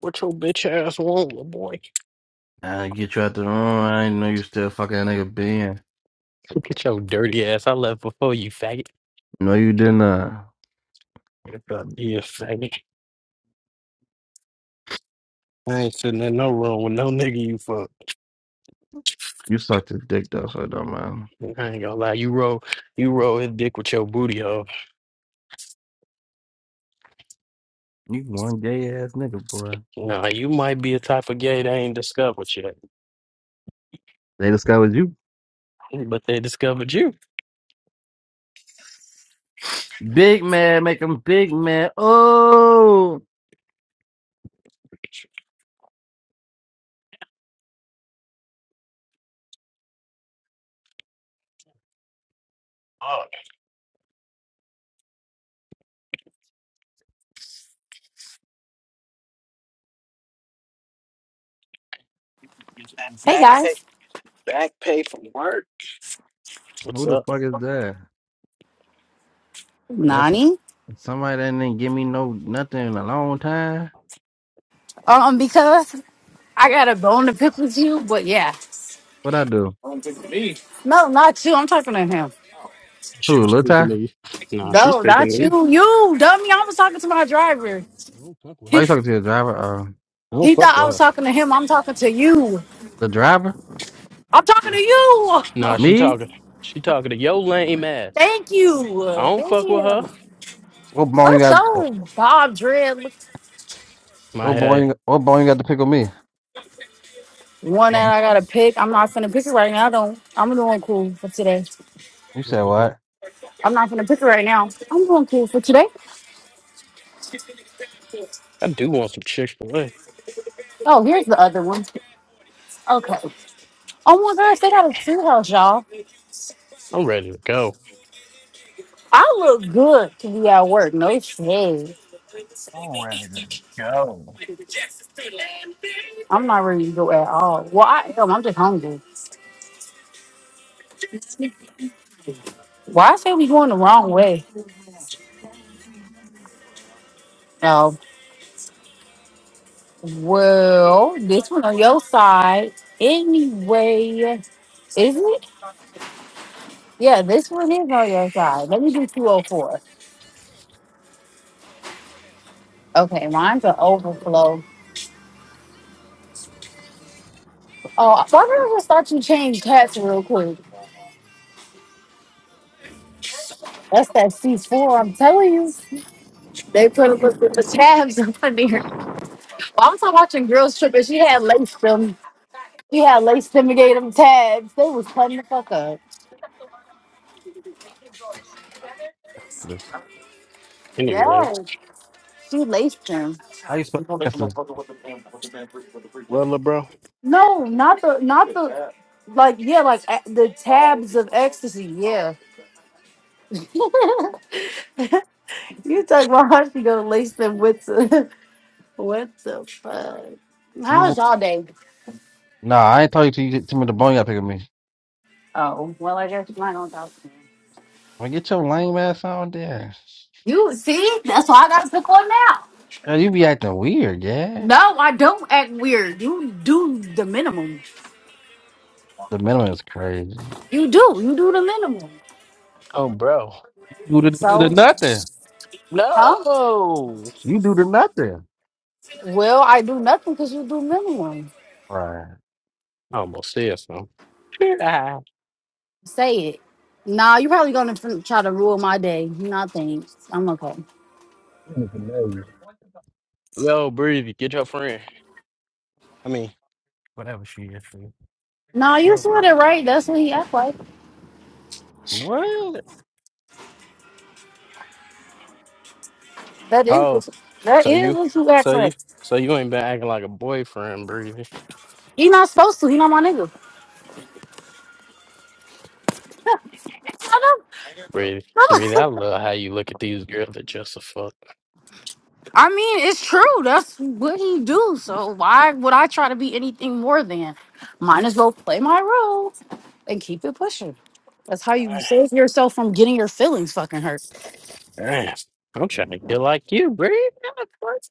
What your bitch ass want, little boy? I get you out the room. I didn't know you still fucking that nigga Ben. Get your dirty ass. I left before you, faggot. No, you didn't. Uh, If I be a faggot. I ain't sitting in no room with no nigga you fuck. you sucked his dick though, so it don't matter. I ain't gonna lie. You roll, you roll his dick with your booty hole. You one gay ass nigga, boy. Nah, you might be a type of gay they ain't discovered yet, They discovered you. but they discovered you. Big man, make him big man. Oh, Oh, is that Hey back pay? guys, Back pay from work? What's who the up? fuck is that? That's Nani. somebody that didn't give me no nothing in a long time. Um, because I got a bone to pick with you, but yeah, What I do? no, not you. I'm talking to him. She Who? was Lil speaking Ty? to you. Nah, she's No, speaking to not you. you. You dummy. I was talking to my driver. I don't fuck with Why He, her. you talking to the driver? Uh, I don't he thought fuck I with was her. talking to him. I'm talking to you. the driver? I'm talking to you. Nah, she Me? talking. She talking to your lame ass. Thank I you. don't fuck with her. Damn. What boy you What's got? up, Bob Dread? My What boy? head. You, what boy you got to pick on me? One that Well, I gotta pick. I'm not gonna pick it right now. Don't. I'm doing cool for today. You said what? Mhm. I'm not gonna pick it right now. I'm doing cool for today. I do want some Chick fil A. Oh, here's the other one. Okay. Oh my gosh, they got a tree house, y'all. I'm ready to go. I look good to be at work. No shade. I'm ready to go. I'm not ready to go at all. Well, I am. I'm just hungry. Why I say we going the wrong way? Oh, well, this one on your side. Anyway, is it? Yeah, this one is on your side. Let me do 204. Okay, mine's an overflow. Oh, why don't I just start you change tabs real quick? That's that C4. I'm telling you. They put a little bit of tabs up in there. Well, I was watching Girls Trip and she had laced them. She had laced them and gave them tabs. They was cutting the fuck up. Listen, Anyway. Yeah, she laced them. how you supposed to What, up, bro? No, not the, not the, like yeah, like a- the tabs of ecstasy. Yeah, you talk about how she gonna lace them with the, what the fuck? How y'all day? Nah, I ain't talking to you. Tell me the bone you got to pick up me. Oh, well, I guess mine don't talk to me. Like, get your lame ass on there. You see, that's why I gotta pick one now. Yeah, you be acting weird, yeah. No, I don't act weird. You do the minimum. The minimum is crazy. You do. You do the minimum. Oh, bro. You do the, do the So. nothing. Huh? No. You do the nothing. Well, I do nothing because you do minimum. Right. I almost said something. Ah. Say it. Nah, you probably gonna fin- try to ruin my day. Nah, thanks. I'm okay. I don't even know you. Yo, Breezy, get your friend. I mean, Whatever she is. dude. Nah, you Yo. said it right. That's what he act like. What? That is oh, what that so is you, what you act so you, like. so you ain't been acting like a boyfriend, Breezy. He not supposed to. He not my nigga. I know. Breezy, Breezy, I love how you look at these girls that just a fuck. I mean, it's true. That's what he do. So why would I try to be anything more than? Might as well play my role and keep it pushing. That's how you save yourself from getting your feelings fucking hurt. Damn. I'm trying to get like you, Bree. God, what?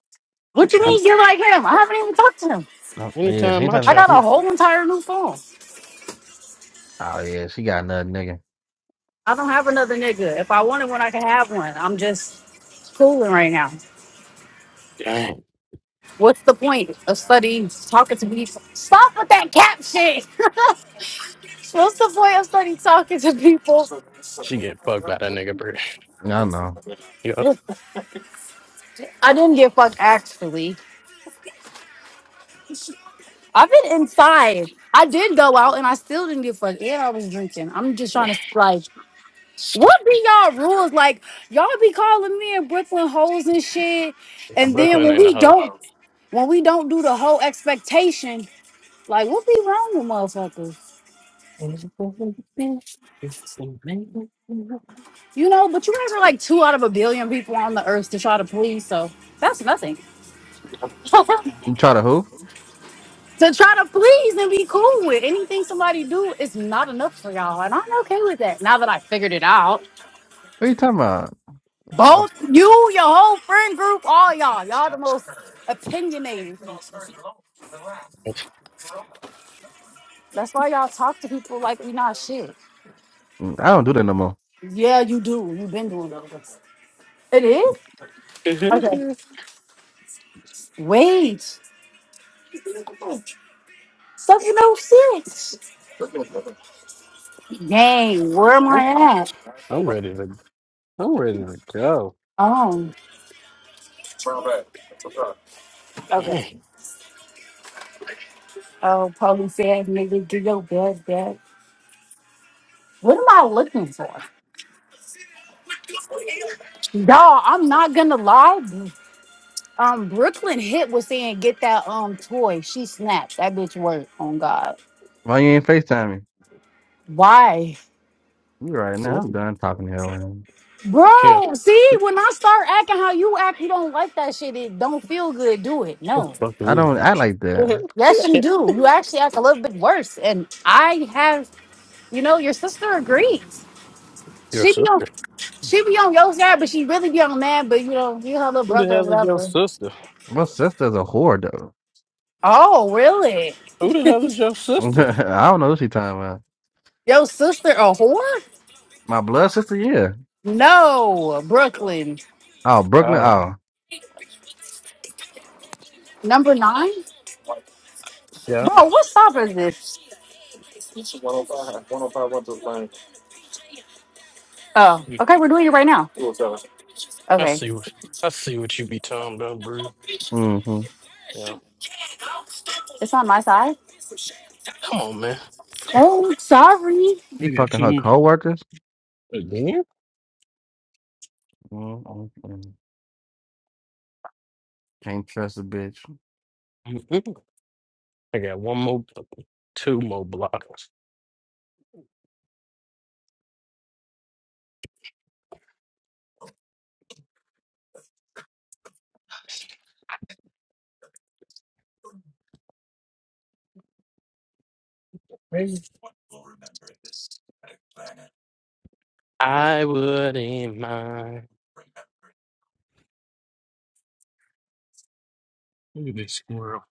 What you I, Any- mean you're like him? I haven't even talked to him. I, yeah, she Anytime ain't I I talking. try. got She, a whole entire new phone. oh yeah, she got nothing, nigga. I don't have another nigga. If I wanted one, I could have one. I'm just cooling right now. Damn. What's the point of studying talking to people? Stop with that cap shit. What's the point of studying talking to people? She get fucked by that nigga, Bree. I know. Yup. I didn't get fucked actually. I've been inside. I did go out and I still didn't get fucked. And I was drinking. I'm just Yeah, trying to like What be y'all rules? Like y'all be calling me and Brooklyn hoes and shit. And then Brooklyn when in the we hoe. don't when we don't do the whole expectation, like what be wrong with motherfuckers? You know, but you guys are like two out of a billion people on the earth to try to please, so that's nothing. You try to who? To try to please and be cool with anything somebody do is not enough for y'all. And I'm okay with that now that I figured it out. What you talking about? I'm, Both you, your whole friend group, all y'all, y'all the most opinionated. That's why y'all talk to people like we not shit. I don't do that no more. Yeah, you do. You've been doing all this. It is? I'm Okay. Wait. Stuff you know shit. Dang, where am I at? ready to I'm ready to go. Um, Okay. Dang, Oh, police ass nigga, do your best, best. what am I looking for? Y'all, I'm not gonna lie. Um, Brooklyn Hit was saying get that um toy. She snapped. That bitch worked on God. Why you ain't FaceTiming? Why? You right now. I'm done talking to her. Man. Yeah. Bro, see, when I start acting how you act, you don't like that shit. It don't feel good. Do it. Who No. I fucking don't act like that. Yes, you do. You actually act a little bit worse. And I have, you know, your sister agrees. Your She be on, sister. she be on your side, but she really be on mad. But you know, you her little Who the brother or hell is your whatever. sister? My sister's a whore though. Oh, really? Who the hell is your sister? I don't know what she talking about. Your sister a whore? My blood sister, yeah. No, Brooklyn Oh, Brooklyn. Oh, Oh, number nine. yeah. Bro, what stop is this? Oh, okay, we're doing it right now. I Okay, see what I see what you be talking about, mm-hmm. Yeah. it's on my side. Come on, man. Oh, sorry. She I got fucking two her more. coworkers. again. Mm-hmm. Can't trust a bitch. Mhm. I got one more, blo- two more blockers. Crazy. I wouldn't mind. Look at this squirrel.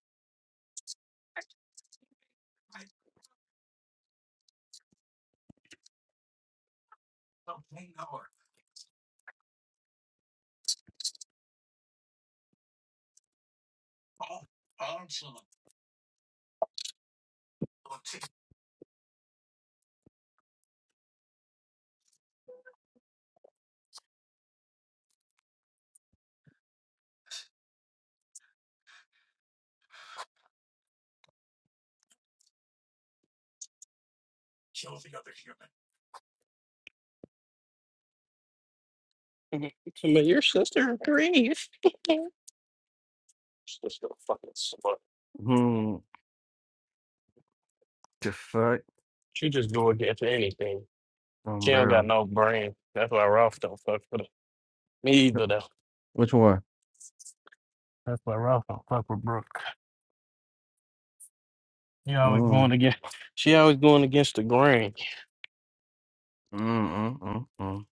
Mhm. Some of your sister agrees. Sister fucking slut. Hmm. The fuck, She just go against anything. She don't got umbrella. no brain. That's why Ralph don't fuck with her. Me either though. Which one? That's why Ralph don't fuck with Brooke. She always Mm. going against. She always going against the grain. Mm, mm, mm, mm.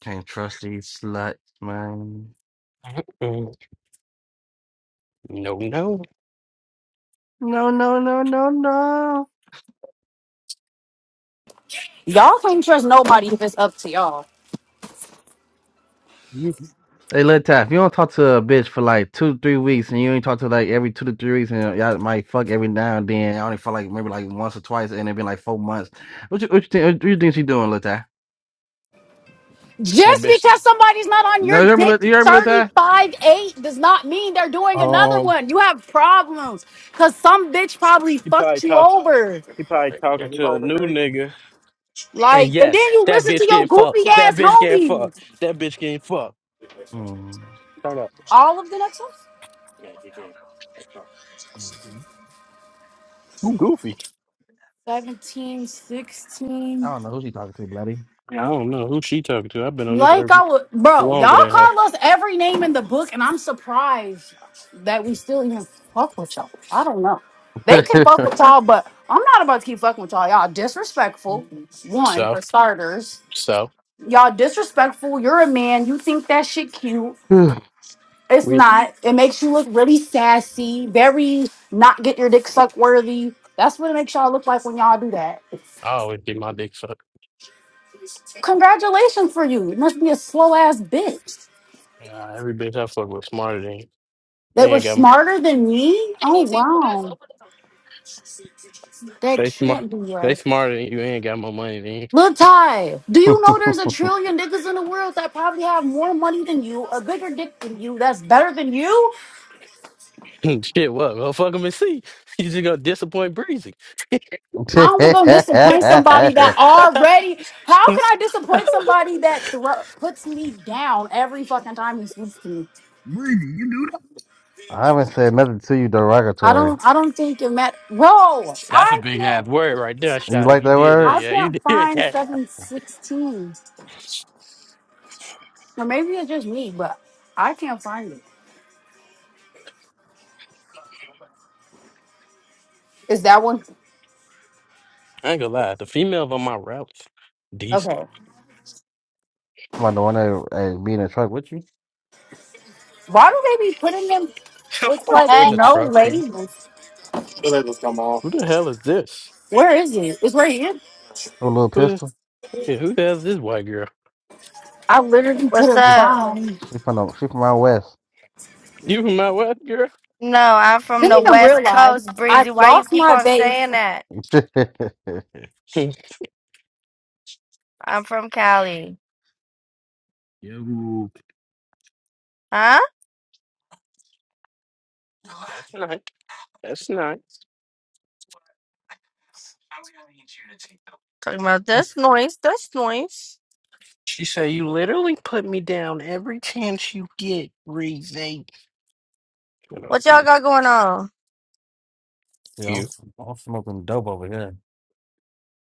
Can't trust these sluts, man. Mhm. No, no. No, no, no, no, no. Y'all can't trust nobody if it's up to y'all. You Hey, Lil Tap, if you don't talk to a bitch for like two, to three weeks, and you ain't talk to like every two to three weeks, and y'all might fuck every now and then. I only fuck like maybe like once or twice, and it been like four months. What you what you think? What you think she doing, Lil Tap? that Just bitch. because somebody's not on your No, you hear me, dick Lil- you hear me, Lil Tap? 35 8 does not mean they're doing another one. You have problems because some bitch probably He probably fucked you talk. over. He probably talking to a new nigga. And Like, and yes, then you that listen bitch to your getting fucked. goofy That ass bitch getting fucked. homies. That bitch getting fucked. Hmm. Hold up. All of the next ones? Who goofy? 17, 16. I don't know who she talking to, bloody. I don't know who she talking to. I've been on this Like earth I would, bro. longer Y'all than her. call us every name in the book, and I'm surprised that we still even fuck with y'all. I don't know. They could fuck with y'all, but I'm not about to keep fucking with y'all. Y'all disrespectful. One So, for starters. so Y'all disrespectful. You're a man. You think that shit cute. It's we. not. It makes you look really sassy. Very not get your dick sucked worthy. That's what it makes y'all look like when y'all do that. I always get my dick sucked. Congratulations for you. You must be a slow ass bitch. Nah, every bitch I fuck with smarter than you. They They were ain't got. m- smarter than me? Oh, wow. That They smart. can't be They right. smarter than you. They ain't got more money than Lil Ty, do you know there's a trillion niggas in the world that probably have more money than you, a bigger dick than you, that's better than you? you. Shit, what? Go fuck them and see. You just gonna disappoint Breezy. How am I going to disappoint somebody that I already, how can I disappoint somebody that thro puts me down every fucking time he speaks to me? Breezy, haven't said nothing to you I derogatory. don't, I don't think it met, bro, That's a I big can't, ass word right there, You Shotty. like You that did that. word? I Yeah, you can't did find that. 716. Or maybe it's just me, but I can't find it. Is that one? I ain't gonna lie. The females on my routes, decent. Okay. Come on, the one that hey, be in the truck with you? With Why do they be putting them with Somebody like be in Hey, the no truck with me. labels? Who the hell is this? Where is it? It's right here. A little Who the, pistol? yeah, who the hell is this white girl? I literally could what's have She, up? found. she from the, she from out west. You my white girl? No, I'm from Didn't the even West realize Coast, I Breezy. Why you lost keep my on vape. saying that? yeah, I'm from Cali. Yo, Huh? that's nice. That's nice. Talking about this noise, this noise. She say you literally put me down every chance you get, Reezy. Shut up, What y'all bitch. got going on? I'm, You, s- I'm smoking dope over here.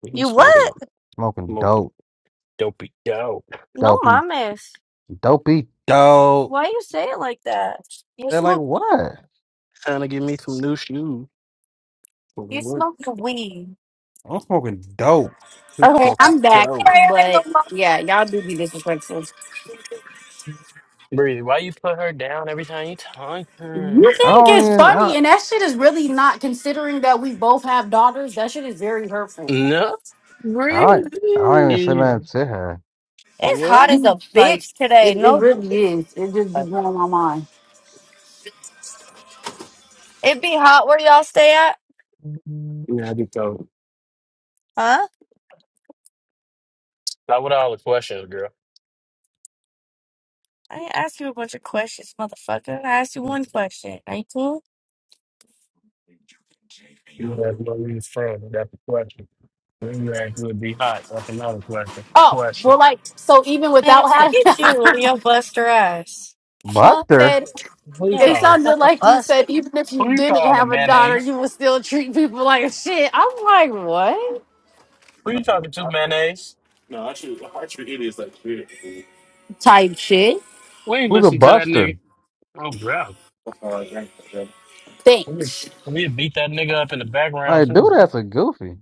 you You smoking what? on Smoking smoking dope, dopey dope. No dopey, mames. dopey, dope. Why you say it like that? You They're like smoke what? Trying to give me some new shoes for you work. smoke the weed. I'm smoking dope. You Okay, smoking I'm back. dope. But yeah, y'all do be disrespectful. Breezy, why you put her down every time you talk to You I her? think don't it's even. I, funny, and that shit is really not. Considering that we both have daughters, that shit is very hurtful. No, I, I don't even say Breezy. nothing to her. It's hot No. as a You like bitch today. it. It No really is. It just be joke. blowing my mind. it be hot where y'all stay at? Yeah, I do so. Huh? Not with all the questions, girl. I ain't ask you a bunch of questions, motherfucker. I asked you one question. Are you cool? You have no reason friend. That's the question. When you ask would be hot, that's another question. Oh Question. well, like so. Even Man, without forget having you and your buster ass. Fuck. Buster? said. Who you Yeah, you It look calling? like sounded a like you bus. said even if you Who you didn't calling have a daughter, mayonnaise? you would still treat people like shit. I'm like, what? Who you talking to mayonnaise? type shit. We ain't Who's a listen to that buster? nigga. Oh, bro. We just, Thanks. we just beat that nigga up in the background, Like, dude, too. that's a goofy.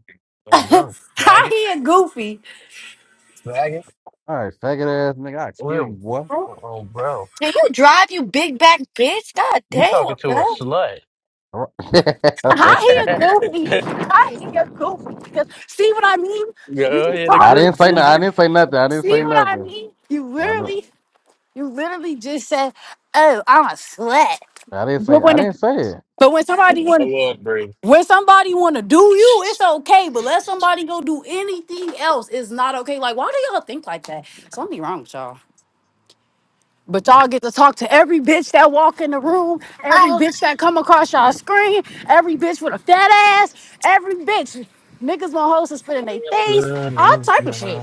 Oh, bro. How Faggot. he a goofy? Faggot. All right, faggot ass nigga, I kill you, Will. boy. Oh, Can oh, bro. you drive, you big back bitch? God You talking damn, to a girl. slut. How Go he a goofy? How he a goofy? 'Cause See what I mean? You just ahead, called I me agree, didn't a say no. snitch. I Breezy. didn't say nothing. I didn't See say what I nothing. mean? You I didn't. literally, you literally just said, "Oh, I'm a slut." I didn't say. But I when, didn't say it. but when Yeah, somebody I want, love Breezy. When somebody want to do you, it's okay, but let somebody go do anything else is not okay. Like, why do y'all think like that? Something wrong with y'all. But y'all get to talk to every bitch that walk in the room, every bitch that come across y'all screen, every bitch with a fat ass, every bitch. Niggas want hoes to spit in their face, all type of shit.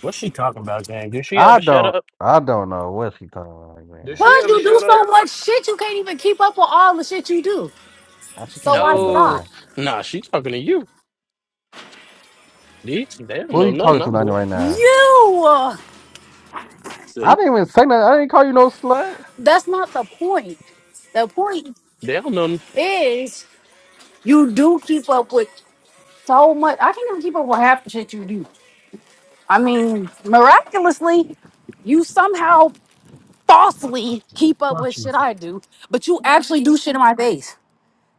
What's she talking about, gang? Did she I ever shut don't. up? I don't know what she talking about, Did man. she Cause ever you do shut up? so much shit, you can't even keep up with all the shit you do. I she talking So about why you, should little No. I? time. Nah, she talking to you. These, they don't Who know are you nothing talking to, I'm Nani, doing. right now? You. uh, I See? didn't even say nothing. I didn't call you no slut. That's not the point. The point They don't know. n- is You do keep up with so much. I can't even keep up with half the shit you do. I mean, miraculously, you somehow Fuck you. falsely keep up Fuck with you. shit I do, but you actually do shit in my face.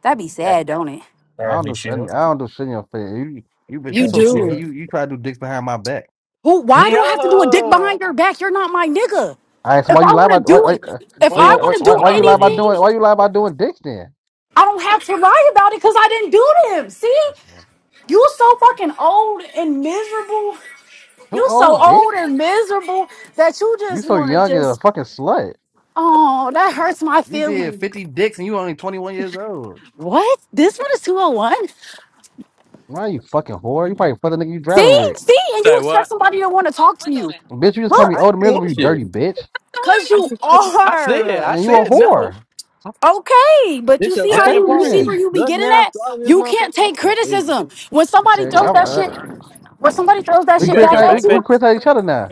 That'd be sad, don't it? I don't Every do. shit- I shit. don't do shit in your face. You, you, but you You Every so sneaky. do. shit. You, you try to do dicks behind my back. Who? Why do I have to do a dick No. behind your back? You're not my nigga. All right. So If why you I lie want to about? Why, do why, it, if Boy, why, you I better why, want to why do turn why up, you lie about Breezy. doing? Why anything, you lie about doing dicks then? I don't have to lie about it because I didn't do them. See, That's- Too you so fucking old and miserable You so old, bitch. old and miserable that you You just so want to young and a just, fucking slut. oh, that hurts my You did feelings. 50 dicks and you only 21 years old. What? This one is 201? Why, you fucking whore. You probably fuck the nigga you driving See? with. See? And you Say expect what? somebody to want to talk to you. Bitch, you just call Look, me I old and didn't miserable, want you shit. dirty bitch. because I, you just, I said, are. I And you a said no. whore. Okay, but This you your see how Okay second you, you part? see You where then. you be just getting now at? starting this You motherfucker? can't I'm take gonna leave. criticism. When somebody Okay, throws I, that I, shit, when somebody throws that we You shit got their back criticize we, at we backpack? you, criticize each other now.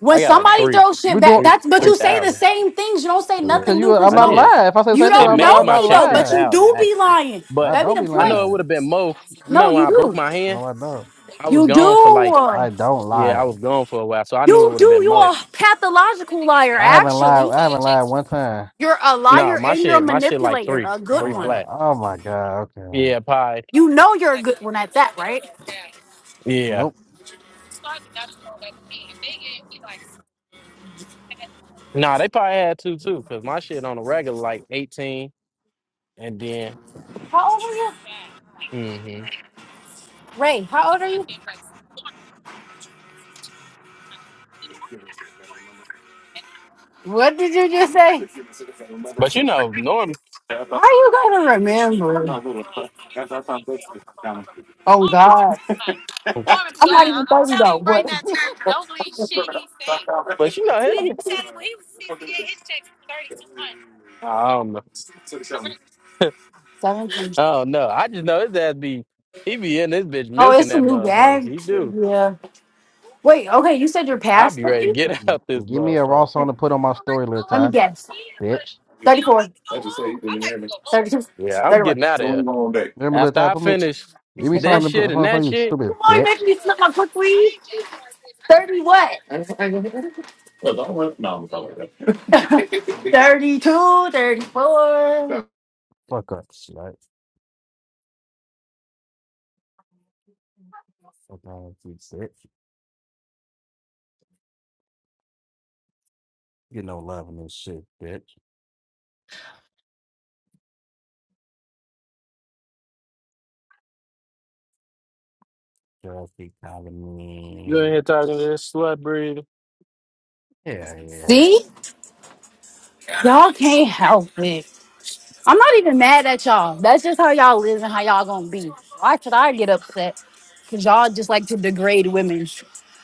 When I got like somebody three, throws shit We doing back, three, that's but we- three you say the thousand. same things. You don't say Yeah. because nothing new you. because I'm I you not don't did. lying. If I say the you same thing, It don't I'm not. made I'm know my not me check though, three but lying. you thousand do be actually, lying. I but That be don't the be I point. know it would lying. have been more. No, Remember when you I broke do. my hand? No, I don't. I was You gone for like do. I don't yeah, I lie. was gone for a while, so I knew it You would do. have been You more. a pathological liar, I haven't lied. actually. I haven't lied one time. You're a No, liar my and you're a shit, my shit like manipulator, three, a Oh, good three oh one. flat. oh my god. Okay. Yeah, pie. You know you're a good one at that, right? Yeah. Nope. Nah, they probably had two too, cause my shit on the regular like eighteen, and then. How old are you? hmm Ray, how old are you? What did you just say? But you know, norm. How are you gonna remember? Oh God. I'm not even 30 though. What? But you know, his, I don't know. 17. I don't know. I just know his ass be he be in this bitch Oh, milking it's a that new motherfucker. bag? He do. Yeah. Wait, okay, you said you're I past be ready to 30? get out this Give me a raw motherfucker. song to put on my story, little Let me Ty. guess. Bitch. 34, 32, Yeah, I'm 31. getting out of here. Remember that After I type of me? finish Give me this something to put shit and on for that you, shit, Come stupid on, you bitch. making me snap my quickly. 30 what? 32, 34. Fuck up, slut. Fuck on you, bitch. Get no love in this shit, bitch. Girls keep calling you me. in here talking to this slut breed. Yeah, yeah. See? Y'all can't help it. I'm not even mad at y'all. That's just how y'all live and how y'all gonna be. Why should I get upset? Because y'all just like to degrade women.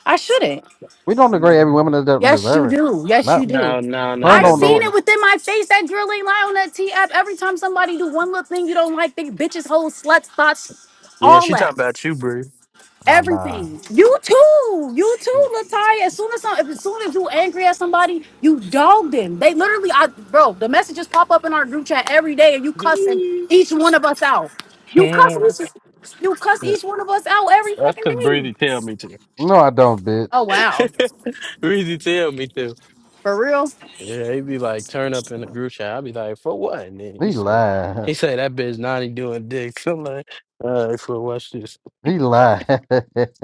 I shouldn't. We don't degrade every No, woman that doesn't Yes, you deserve it. do. Yes, you No. do. no, no, Some not I've don't do seen it. everyone. it within my face. That drill ain't lie on that T app. Every time somebody do one little thing you don't like, they bitches, hoes, sluts, thoughts, Yeah, all she talking that. about you, Bree. Oh, nah. Everything. You too. You too, Latoya. As soon as some, as soon as you angry at somebody, you dog them. They literally, I bro, the messages pop up in our group chat every day, and you cussing each one of us out. You cuss, Yeah, each- you cuss each one of us out every That's fucking cause day. Breezy tell me to. No, I don't, Oh bitch. wow, Breezy tell me to. for real. Yeah, he be like, turn up in the group chat. I be like, for what? And then He he say, he lied. say that bitch Nani doing dicks. I'm like, all right, for watch this. He lied.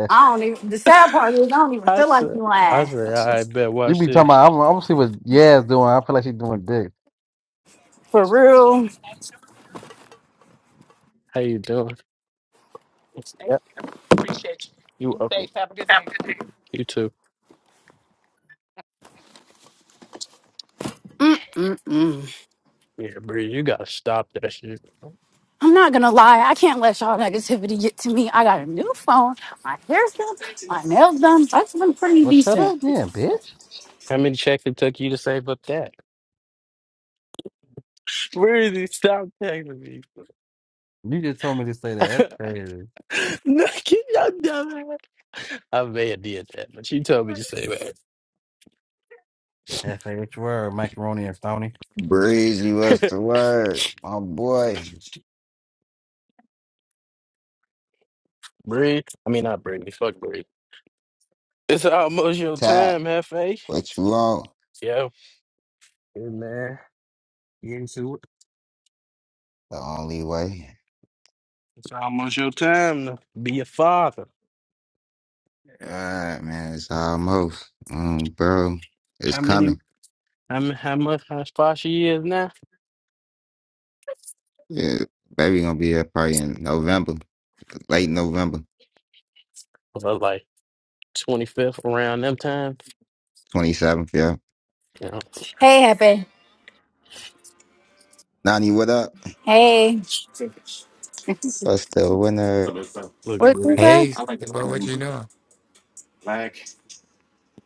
I don't even. The sad part is I don't even I feel like said, you I lying. said, all right, bet, you watch be talking this. about, I'm, I'm gonna see what Yaz doing. I feel like she's doing dick. For real. How you doing? Yep, you welcome. You too. Mm-mm. Yeah, Bree, you gotta stop that shit. How I'm not gonna lie. I can't let y'all negativity get to me. I got a new phone. My hair's done. My nails done. That's been pretty Well, shut decent. up then, bitch. many checks it took you to save up that? Breezy, stop texting me. You just told me to say that. That's crazy. no, get your dumb ass. I may have did that, but she told me to say that. F-H word, macaroni and phony. Breezy, what's the word? My boy, Bree. I mean, not Bree. Fuck Bree. It's almost your Ty, time, Hefe. what you want? Yeah. Hey, man. You into it. The only way. It's almost your time to be a father. Alright, man, it's almost. Um, bro, it's How many, coming. how, mu- how much, how far she is now? Yeah, baby gonna be here probably in November, late November, About like 25th around them times. 27th, yeah. Yeah. Hey, happy. Nani, what up? Hey. What's the winner? Look, What you Bree. say? Hey, Smithy, bro, what you doing?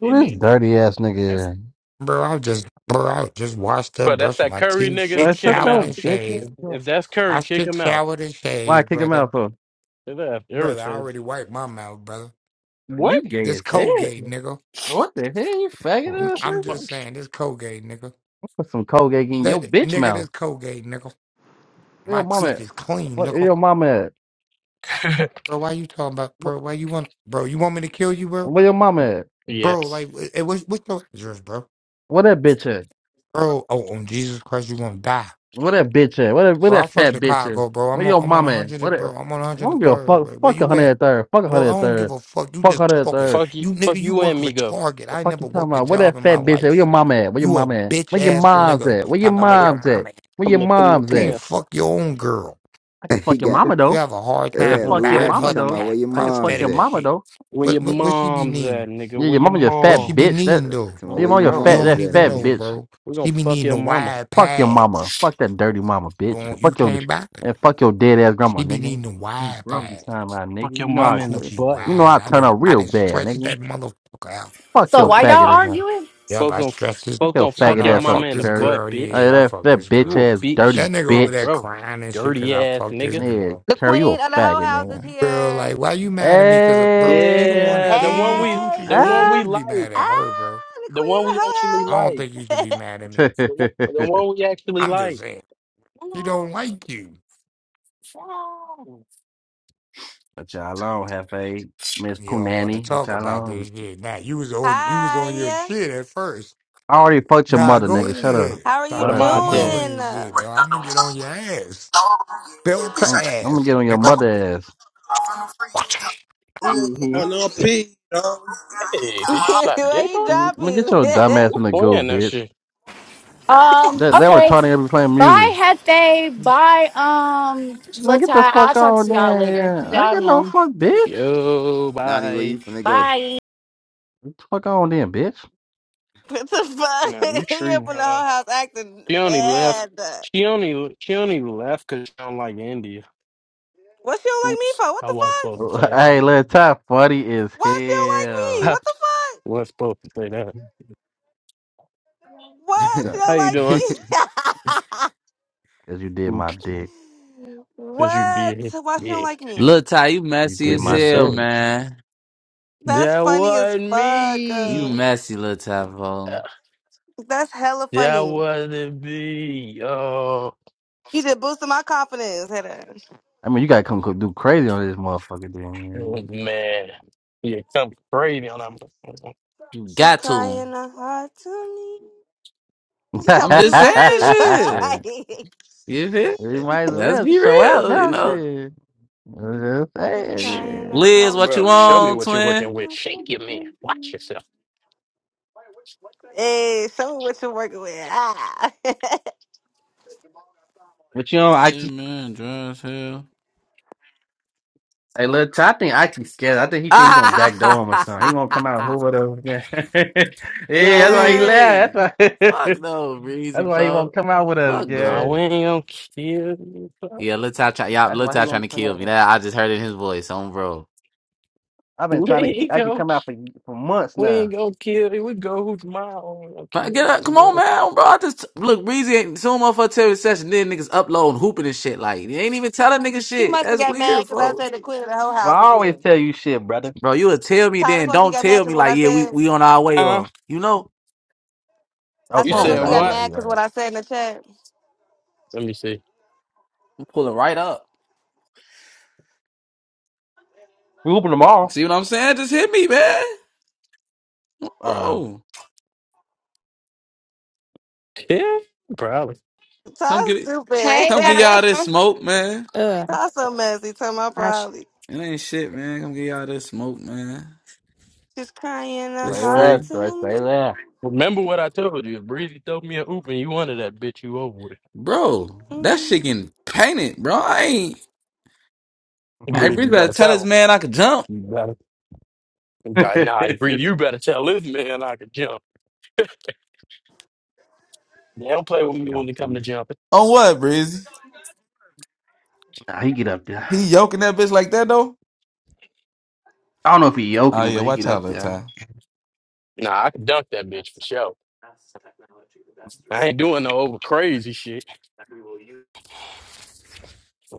Who this dirty ass nigga? is? Bro, I just bro, I just washed up, But that's brushed that my Curry teeth, nigga. No, shit Kick shut him showered your out. and bitch shaved. If, ass up. if that's I Curry, kick shit him out. showered and Why I shaved, kick him brother. out for? That's Brother, I irritating. already wiped my mouth, brother. What? You gay This as hell. Colgate, nigga. What the hell, you N- faggot Fuck. ass I'm nigga? just saying, this Colgate, nigga. Put some Colgate in your That bitch nigga, mouth. this Colgate, nigga. Where My your mama teeth at? is clean, What, where nigga. your mama at? Fuck. Bro, why you talking about, What, bro? Why you want, bro? You want me to kill you, bro? where your mama at? Bro, yes. like, eh, eh, what's what's your address, bro? Where that bitch at? Bro, oh, on Jesus Christ, you gonna die. Where that bitch at? Where that, where Bro, that I'm from fat bitch at? Chicago, bro. Where I'm on your I'm on mama at? 100, Where and- that, bro. I'm on I don't give a 103rd, fuck. bro. Where Fuck a you hundred at? and third. Fuck a Bro, hundred I and don't give third. a fuck. You Fuck a just hundred and talking. third. Fuck you. You Fuck nigga, you you work and for me go. Target. I What the ain't fuck you never talking worked a about? Where job that in my fat bitch at? Where your life. mama at? Where your You a mama at? Where bitch your ass Come mom's nigga. at? Where your Talking about where your mom's at? mama at. Where your here, come here, You mom's come can't here. at? fuck your own girl. I can he fuck your got, nigga. mama You though. have a hard I can time that Oh, fuck Lou your buying bro. Ratchy mama her talking about though. where pack your I can fuck mom's your prosthetic at. mama shit. though. Where What your what what she be mom's at, needing? nigga? Yeah, Where your your mama your What fat she mom? be bitch. That needing though? Talking where Oh, about your where mama your your bro. You fat mom's don't that at, even fat nigga. know, bitch. bro. We're gonna She be fuck needing your the mama. wide Fuck your mama. pads. Fuck that dirty mama You bitch. don't, you Fuck your can't buy. it. and fuck your dead ass She grandma, be nigga. needing the Mm, wide Fuck Bro. you pads. time out, nigga. Fuck You your know That I mama in the coochie butt. you know wide. I I turn didn't out I real didn't bad, stretch nigga. that motherfucker out. Fuck So your Folks, why y'all faggot ass. arguing? Yep, folks, I gonna, stretched this. Fuck folks your gonna I fuck know faggot your I ass up, mama fucked in the this Curry. girl. butt, bitch. Hey, Yeah, I that fucked that this bitch You girl. a ass bitch. dirty That nigga Oh, over bitch. there bro. crying and shit because Dirty I ass fucked this nigga. Yeah, girl. The Curry, you a queen of the whole faggot, house is nigga. Bro, here. like, why you mad at me? Because, bro, she the Hey, one that Yeah, the gave me one the we, coochie, the Hey. bro. one You we ah. should be like, mad at her, bro. Ah, the the queen one of the we whole actually I house. don't like, think you should be mad at me. what the one, the one we actually I'm just like. saying, she don't like you. y'all on, Hefe? Miss You don't want to Punani, what talk y'all about on? this shit. Now, you was on you was on your Hi. shit at first. I already fucked your Nah, mother, go nigga. Shut up. ahead. How are Talk you All What about am right, my I fuck that. mama dead? doing? and shit, though. I'm gonna get on your ass. Belt to I'm, I'm gonna ass, get on your mother nigga. ass. hmm I know P, dog. Hey, did you slap Where dick on it? you I'm gonna get dropping? your dumb ass Who's in the go, playing that bitch. shit? Um. That that Okay. retarded ever playing music. Bye, Hefe. Bye, um, Man, Latai. get the I'll fuck talk on to y'all then. later. yeah. I ain't Y'all got no know. fuck, bitch. Yo, Nani, where bye. you finna go? Bye. Get the fuck on then, bitch. what the Nah, you fuck? you up treating in the her. whole house acting She only left. bad. She only she only left because she don't like India. What she don't like me Oops, for? What I the wasn't fuck? supposed to say that. hey, little top funny is Why she don't like me? hell. What the fuck? I wasn't supposed to say that. What? She Cause How don't you like doing? me? you did my Oops, dick. because you what? did. Why she Yeah, don't like me? Lil Ty, you You messy we did as my just hell, dick. sold it. man. That's That funny as wasn't You fuck. me. messy, Lil Ty, bro. That's hella That funny. wasn't me. Oh You just boosted my confidence. Hit her. I mean, you gotta come co- do crazy on this motherfucker, then. man, yeah, come crazy on that. You She's got to. crying a heart to me. Man. You talking I'm about you just saying got to. shit. You feel we me? might as Let's well be show out real, you now, know? shit. I'm just She's saying. crying Then. a Liz, Oh, heart what bro, you to show me on, me. what you're working twin? with. Shake your man. Watch yourself. Hey, show me what you're working with. Ah. But you know, I Shit, keep. man, dry as hell. Hey, look, Ty, I think I keep scared. I think he think we gonna backdoor him or something. He won't come out with us. Yeah, yeah, Nah, that's we why ain't he gonna, laughed. hey! That's why. Fuck no, Breezy, that's why he folks. won't come out with us. Fuck nah, Yeah, we no. ain't gonna kill you. bro. Yeah, Lil Ty, try, y'all, that's Lil why Ty he trying to won't come kill me. out. That I just heard it in his voice, on bro. I've been We trying to. ain't I can gonna, come out for for months we ain't now. gonna kill you. We go who's tomorrow. We ain't gonna Fine, kill Get up, you, come on, bro. man, bro. I just look, Breezy ain't so motherfucker Terry session. Then niggas uploading, hooping and shit. Like you ain't even telling niggas she shit. must have That's got mad weird, because I folks. said the queen of the whole But house I is here. always tell you shit, brother. Bro, you would tell me Ty, that's then. why she Don't got mad tell because me what like, I yeah, we said. we on our way. Uh, Or you know, I you come said that's Okay, why you on, said she right, you got bro. what? right, mad you because right. what I said in the chat. Let me see. I'm pulling right up. We open tomorrow. See what I'm saying? Just hit me, man, Uh, bro. Yeah, probably. Come get Ty's it. stupid. Come get y'all this smoke, man. Uh, Ty's so messy. Tell my probably. It ain't shit, man. Come get y'all this smoke, man. She's crying a It's Say heart less, free, right? to Say me. that. Remember what I told you. If Breezy throw me an oop and you wanted that bitch you over with. bro. That They shit getting painted, bro. I ain't. Hey, Breezy, Breezy, you better gotta tell tell this him. man I could jump. You gotta, you gotta- nah, you Breezy, you better tell this man I could jump. They don't play with me know, when it come see. to jumping. On what, Breezy? nah, he get up there. He yoking that bitch like that though. I don't know if he Oh yoking it, yeah, but he watch get out up that there. time. Nah, I could dunk that bitch for sure. I ain't doing no over crazy shit.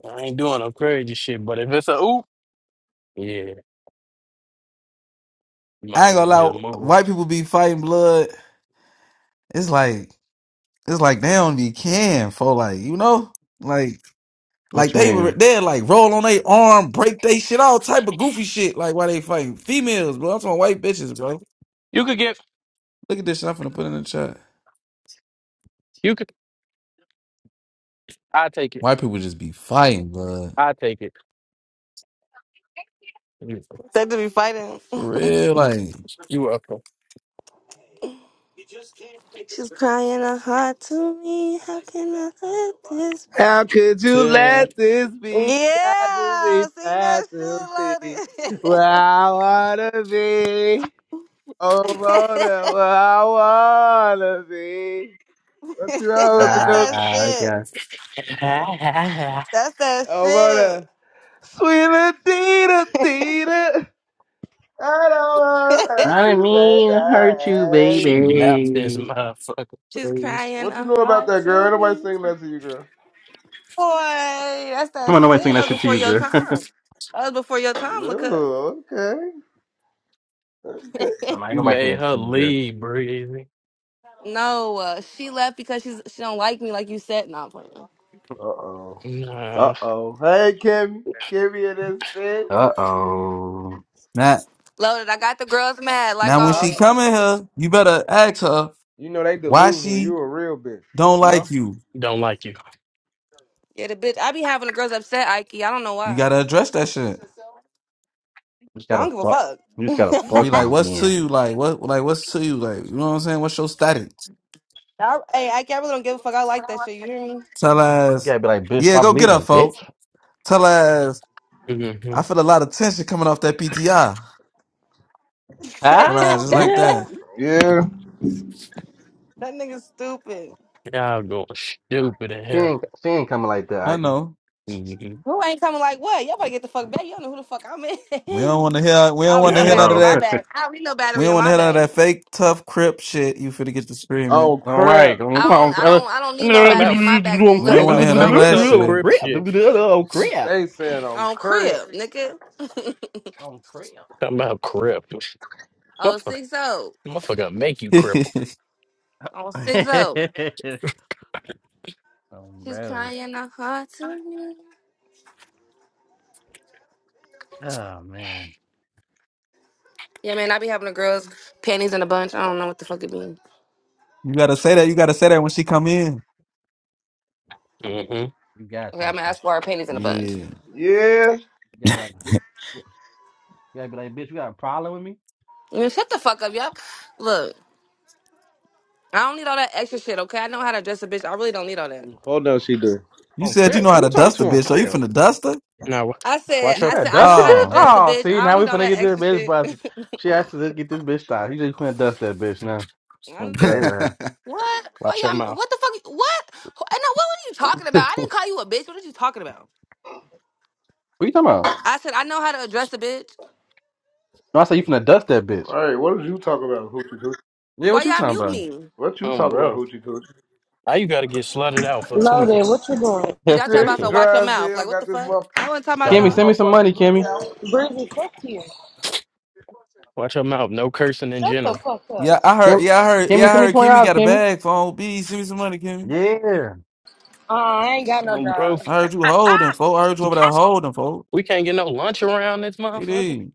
I ain't doing no crazy shit. But if it's a oop, Yeah, you might I ain't gonna want to lie. just move. White people be fighting blood. It's like it's like they don't be can for like you know like What like you they were mean? they like roll on their arm, break they shit, all type of goofy shit. Like why they fighting females, bro? I'm talking white bitches, bro. You could get, Look at this shit. I'm finna put in the chat. you could, I take it. White people just be fighting blood I take it. You, to be fighting. for real. Like you welcome. She's crying a heart to me. How can I let this? How could you Yeah, let this be? I just Yeah, need sing that that to see shit, where loaded. I wanna be. Oh, Mona, where I wanna be. What's wrong with the That's coast? that Ah, shit. yeah. That's that Oh, Mona. Sweet Adita, Adita. I don't wanna shit. I hurt didn't mean to hurt you, you, She baby. left this baby. motherfucker, She's please. crying What you a know about heart that girl? Ain't to nobody me. singing that to you, girl. Boy, that's that Come on, nobody shit. saying that That shit was to before you, your girl. time. I'm That was before your time, look up. Ooh, okay. Okay. like, You nobody saying made that shit her to you, girl. leave, Breezy. no, uh, she left because she's she don't like me, like you said. Not playing. Uh oh. Uh Nah, oh. Hey, Kimmy. Kimmy and this bitch. Uh oh. now Loaded. I got the girls mad like now when Yeah, she always. come in here, you better ask her you know they why delusional. You she a real bitch. don't You know? like you. don't like you. Yeah, the bitch. I be having the girls upset, Ike. I don't know You why. gotta address that shit. You just I gotta don't give a fuck. fuck. You just gotta To be fuck like, me what's to again. you? Like, what? Like, what's to you? Like, you know what I'm saying? What's your status? I, hey, Ike, I really don't give a fuck. I like that shit. You hear me? Tell You us. gotta be like, bitch, Yeah, stop go get her, leaving, bitch. folk. Tell us. I Mm-hmm. feel a lot of tension coming off that PTI. Tell us Ah, just like that Nah, that. Yeah. nigga stupid. y'all going stupid in she here? ain't, she ain't coming like that, I Ike. know. Mm-hmm. Who ain't coming like what? Y'all better get the fuck back. You don't know who the fuck I'm in. We don't want to hear. We I don't don't need want She to no hear Dang. none battery of slow. in my that. bag. I don't need no We battery don't in want to my hear none of bag. that fake tough crip shit. You finna get to screaming. On All crib. right, come I don't. on, I brother. don't. I don't need no Talking battery about, in my bag, boo. Oh We Let talking don't me crap! want to about speak hear when none I of fake want that tough to. Oh shit. crip crap! shit. Oh She crap! stay saying on On crib. crib, nigga. Oh crap! Talking about crip. Oh Motherfucker, six oh. motherfucker make you cripple. On six oh. Oh She's bro, crying a heart to me. oh man, Yeah, man, I be having the girls panties in a bunch. I don't know what the fuck it means. you gotta say that. You gotta say that when she come in. Mm-hmm. you gotta Okay, I'm talk gonna crap. ask for her panties in a bunch. Yeah. Yeah. You gotta be like, bitch. you gotta be like, bitch. You got a problem with me? Man, shut the fuck up, y'all. Look, I don't need all that extra shit. Okay, I know how to dress a bitch. I really don't need all that. Hold on, she do. You On said you crib? know how Who to you talking dust a to on bitch, so you crib? finna dust her? Now, wa- I said, watch Who's your, I that said, I know Dustin how to bitch? Oh. dress a Oh, bitch. see, I don't now we need all finna that get this extra bitch shit. busted. She I'm- asked us to get this bitch stopped. You just finna dust that bitch now. oh, Say bruh, less. what? Why watch your y'all? mouth. What the fuck? What? And no, what were you talking about? I didn't call you a bitch. What are you talking about? What you talking about? I said I know how to address a bitch. No, I said you finna dust that bitch. Hey, what did you talk about, Hoochie Coochie? Yeah, Why what you y'all mute talking me? What you Oh, talk about, bro. Hoochie Coochie? Now you got to get slutted out for tweaking. Loaded, what you doing? Cause about? y'all talking about Shit, to watch your dry as mouth. hell. Like what the Got this fuck? mother, I wasn't talking about Watch got your this Kimmy, y'all. send mouth. me some money, motherfucking hook Kimmy. out. Breezy, fuck you. Watch your mouth. No cursing in Shut the general. fuck Yeah, up. I heard. Kim, Yeah, I heard. Kimmy, Yeah, I send me heard. twenty Kimmy dollars, got a Kimmy. bag for on Send me some money, Kimmy. Yeah. Uh, I ain't got no Um, bro, job. I heard you holding, folk. I heard you we over there can't, holding, folk. we can't get no lunch around this It motherfucker. is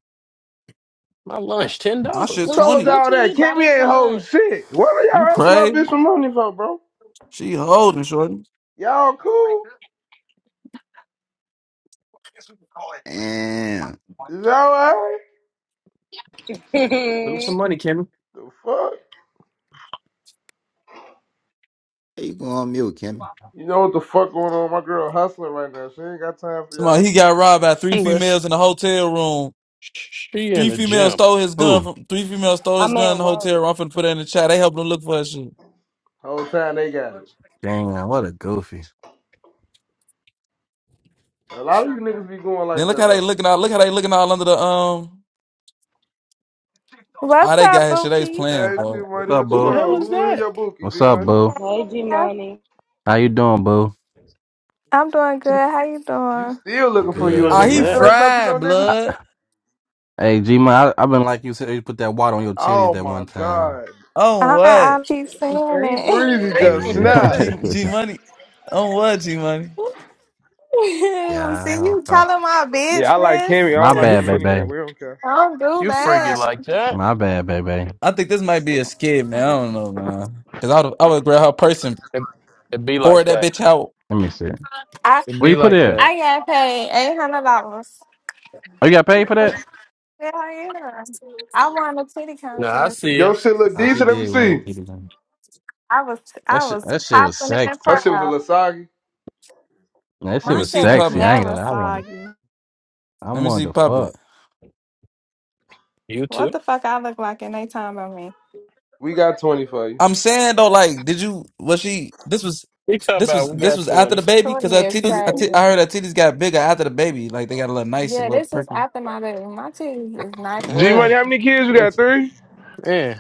My lunch, $10. my shit Who Coochie told twenty. y'all that? coochie, buy them Kimmy ain't some holding lunch. shit. What are You y'all asking my crazy? bitch for money for, bro? She holding, shorty. Y'all cool? Damn. Is that all alright? Put up some money, Kimmy. The fuck? Hey, you go on mute, Kim. You know what the fuck going on? My girl hustling right now. She ain't got time for y'all. Somebody he got robbed by three Bro, sh- females in the hotel room. sh- she in Three the females gym. stole his gun Oh, from. Three females stole his I'm gun in at the hotel work. room. I'm finna put that in the chat. They helping him look for his shit. Whole time they got it. damn, what a goofy. A lot of you niggas be going Then like look that how they though. looking out. Look how they looking all under the um. Ah, What's they up, got his shit. They was Bookies? playing, Hey G folk. What's Money, up, what Who you the boo? hell on? is Who in your that? bookie, What's G up, Money? boo? Hey, G Hey. Money. How you doing, boo? I'm doing good. How you You doing? still looking for Who the you a Good, hell G Ah, is nigga. he You man. that? still Er- ain't punching fried no niggas? I, blood. hey, G man, I've been like you said. You put that water on your titties Oh that my one time. god. Oh I what? I keep saying Breezy it. Breezy ass. just Yeah. snapped. G G Money. On what G Money? See Yeah, you fuck. telling my Yeah, I like Kimmy. business. I My don't like You bad, you fr- anyway. baby. We don't care. I Don't do you freaky that. like that? My bad, baby. I think this might be a skit, man. I don't know, man. Cause I would I would grab her purse and It, it be pour like that that. bitch out. Let me see. I It Where you be put like it? that. I got paid eight hundred dollars. Oh, you got paid for Hell that? yeah! I won a titty Nah, I contest. see ya. Your shit look Oh, she decent. Let me did win a see. kitty gun. I was That I shit, was that shit was popping it and sexy. Her shit was a proud. little soggy. That Let shit My me was see shit was sexy. I puppet. ain't never gonna lie. I wanted, soggy. I Let me wanted see to fuck. puppet. You What too. the fuck I look like in they time on me? We got 20 for you. I'm saying though, like, did you? Was she? This was. He talking This about was we this got was after 20. the baby Two because her years titties. I ti- straight. I heard her titties got bigger after the baby. Like they got a little nice, a Yeah, little this is perky, after my it. My titties is nice G and Eh, Money, how perfect. many kids you got? it's- Three? eh,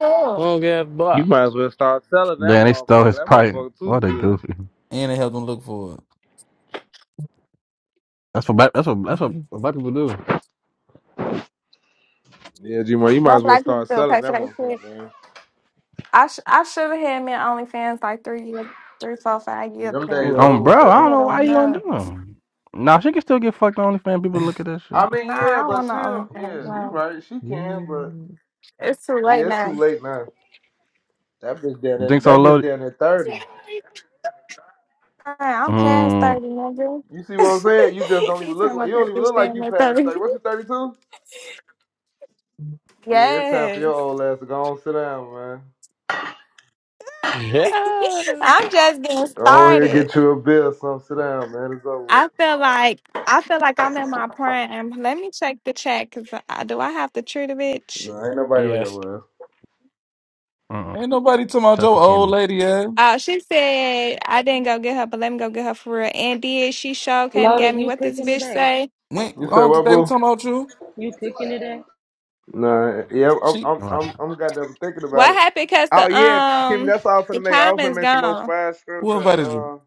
So, long ass You block. might as well start selling that Damn, they stole motherfucker. his That pipe. motherfucker too What a good. goofy. and it helped them look for it. That's what black, that's what that's what black people do. Yeah, G Money, you might well, as well black people start feel selling perfect. for that shit. motherfucker, man. I sh- I should have had me on OnlyFans like three years, three, four, five Yeah, years them You ago. days welcome. Um, over, bro, It I baby. don't would know have why went you don't do up. them. Nah, she can still get fucked on OnlyFans. People look at that shit. I mean, Nah, I yeah, don't but want she, don't- no OnlyFans. yeah, you No. right. She can, but Mm. It's too late yeah, it's now. too late now. That bitch down You at think so that bitch loaded? down at thirty. Hey, I'm past Mm, 30, nigga. You see what I'm saying? You just don't even he talking look like about you don't that even bitch look like damn you near past 30. thirty. What you thirty two? Yeah, it's time for your Yes. old ass to go on sit down, man. Yeah. I'm just getting Go on here, started. get you a bill, or something. Sit down, man. It's over. with. I feel like I feel like I'm in my prime. Let me check the chat because I, do I have to treat a bitch? Nah, ain't nobody on Yes. your ass. mm. Ain't nobody talking about Except your for old Kimmy. lady, eh? Uh, she said I didn't go get her, but let me go get her for real. And did she show came and got Loaded, me? you What this cooking bitch today? say? When, You I say don't think what, they were boo? talking about you. You cooking today? Nah, yeah, I'm, She I'm, Alright. I'm, I'm goddamn thinking about What it. happened? Cause Oh the yeah, Kimmy, um that's all I'm the finna make. I was finna comment's make some more gone. fried who shrimps and invited you? uh.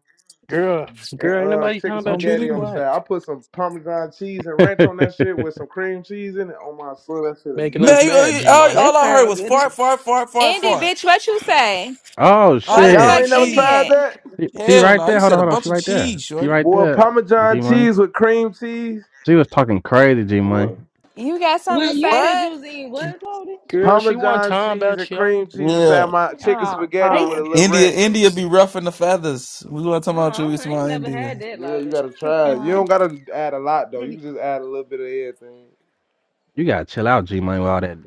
Girl, and girl, ain't uh nobody talking chicken I don't about you be to be there. spaghetti on the quiet. side. Man, I put some Parmesan cheese and ranch on that shit with some cream cheese in it. Oh my soul, that shit a Making us nuke. you- mad, you- G all, Money. That all I heard sound was good. fart, fart, fart, fart, Indy, fart. bitch, what you say? oh All Why the that Y'all shit. fuck damn ain't never Indy cheese. tried at? that? She, she Hell right no, you there. Hold on, said a hold on. bunch She of right there. cheese, She shorty. right Boy, there. Parmesan G Money. cheese with cream cheese. She was talking crazy. G Money. Boy. You got something Well, to you say? said you What? was eating what, Loaded? Girl, she want Parmesan time cheese about and yo. cream cheese inside Yeah. my chicken Oh, spaghetti they. with a Oh, little India, ranch. India be rough in the feathers. We want to talk about you, Oh, I ain't Ismail never India. had that, Yeah, you Loaded. gotta try it. You Oh. don't gotta add a lot though. You can just add a little bit of everything. You gotta chill out, G Money, with all that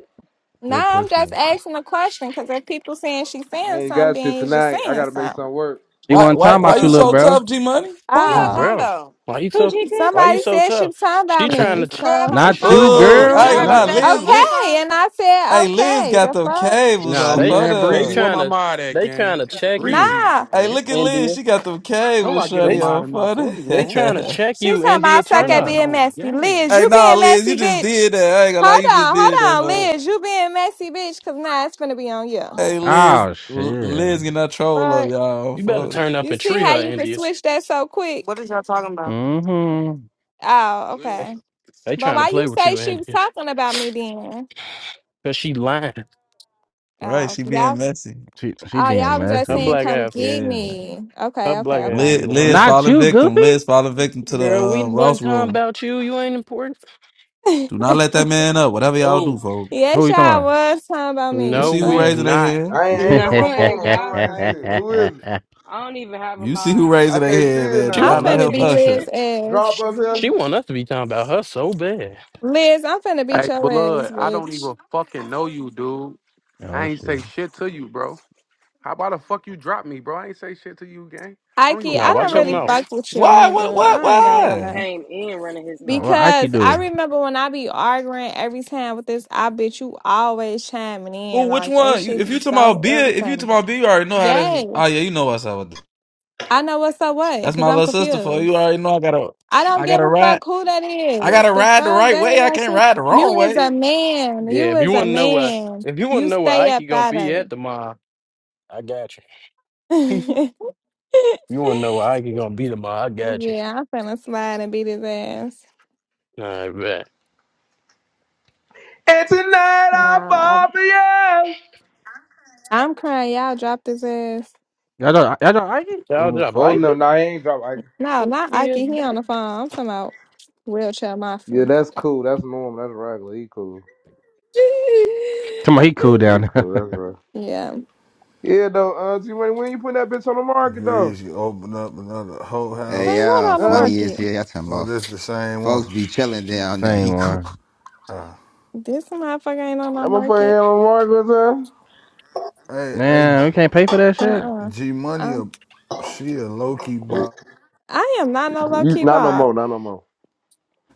No, Good I'm pussy. just asking a question because if people saying she's I saying ain't something, got then shit you just tonight. I saying gotta make something. something work. She Why wasn't why talking why about you, you little so Uh-oh. bro. tough, G Money? Who Oh, y'all Oh. talking bro. about? Why you so Coochie why you Somebody coochie? so said she tough? was talking She about me. trying to Girl, if So I No, was Not she talking you, about no they you, Oh, you girl. would I ain't have gonna heard didn't, me lie, Not. bro. say Liz, something. What the Liz, okay, fuck? and I said hey, Liz okay. got The them fuck? cables Nah, on they Man, they Breezy, where photo. trying my to mod at, they trying gang? to It's check you, Breezy Nah. on Hey, right here. look at Liz, India. she got them No, cables, I get her They shorty mod on in my photo. boy they room. trying to hey, check She you, talking about I India. suck Turn at up. being oh, messy. Liz, gang. you nah, being Liz, you messy, just bitch. did that. I ain't gonna lie, Hold you just on, did that, hold on, huh? Liz, you being messy, bitch. Cause nah, it's gonna be on you. Hey Liz, Oh L- shit. Liz getting that troll up, Right. y'all. You better Fuck. turn up You and see treat how her, you can India. switch that so quick? what is y'all talking about? hmm Oh, They okay. they But trying to why you play with say you, she was India. talking about me then? Cause she lying. Right, Oh, she being y'all. messy. She she Oh, being y'all was just Her messy. saying black come ass get Yeah, me. her Okay, black okay, ass be Liz, Liz lying. Not falling you, victim. Goofy. Liz falling victim to the Girl, we uh, Ross wasn't talking room. about you. You ain't important. okay. Do not let that man up. Whatever y'all do, Who? folks. Who Yes, you y'all talking was talking about You me. No, see who we've Fuck. raising their not. hand. I about? ain't, I ain't No, on my phone, bro. y'all I ain't see it. crazy. Who is it? I don't even have a You see mind. who I raising know I their who can't he see hand, talking it man. Do She now. about. I'm not want let us finna to him be. beat T- usher. Liz ass. Drop of she him, want us to be talking about her so bad. Liz, I'm finna beat Hey, your ass, blood, I don't bitch. even fucking know you, dude. oh I ain't say shit. shit to you, bro. How about the fuck you drop me, bro? I ain't say shit to you, gang. I don't Ike, even Now I fucking don't watch know your really you, gang. fuck mouth. with you Why? neither. What? What? I ain't That gonna nigga Why? lie. came in running his Oh, mouth. what Ike Because I do? remember when I be arguing every time with this, I bitch you always chiming in. Who? Which Like that one? You, shit if be you talking about so beer, if you talking irritating. about beer, you already know how that's. Oh Yes. yeah, you know what's up with that. I know what's up what, That's because my I'm little sister. For you confused. already know, I gotta, I don't I give gotta a ride. fuck who that I is. gotta The fuck ride the right that way. ain't I that can't shit. ride the You wrong is a way. man. Yeah, You if you is a want to know where, man. if you want to You know where stay Ike up gonna out be of at tomorrow, I got it. you. you want to know where Ike gonna be tomorrow? I got you. yeah, I'm finna slide and beat his ass. alright And tonight No, I I, fall for you. I'm crying. Y'all dropped his ass. Y'all know y'all know Ike? Y'all Oh job, folding Ike. them. Nah, he ain't drop. Like, No, not Ike. He on the phone. I'm talking about wheelchair mafia. yeah, that's cool. That's normal. That's regular. He cool. Come on, he cool He down. cool. That's right. yeah, Yeah, though. Uh, G Money, when you put that bitch on the market, though? Breeze, you open up another whole Hey, house. put what yo, on the Huh? funny is market? here. Y'all talking Oh, about this the same one. folks be chilling down there. ain't He cool. one. Uh, This motherfucker ain't on That the motherfucker market. ain't on the market, hey, hey, Man, we can't pay for that Uh shit. All uh-uh. uh. G Money, i a, she a low key huh? bop. I am not no Oh, low You, key not no more. Not no more.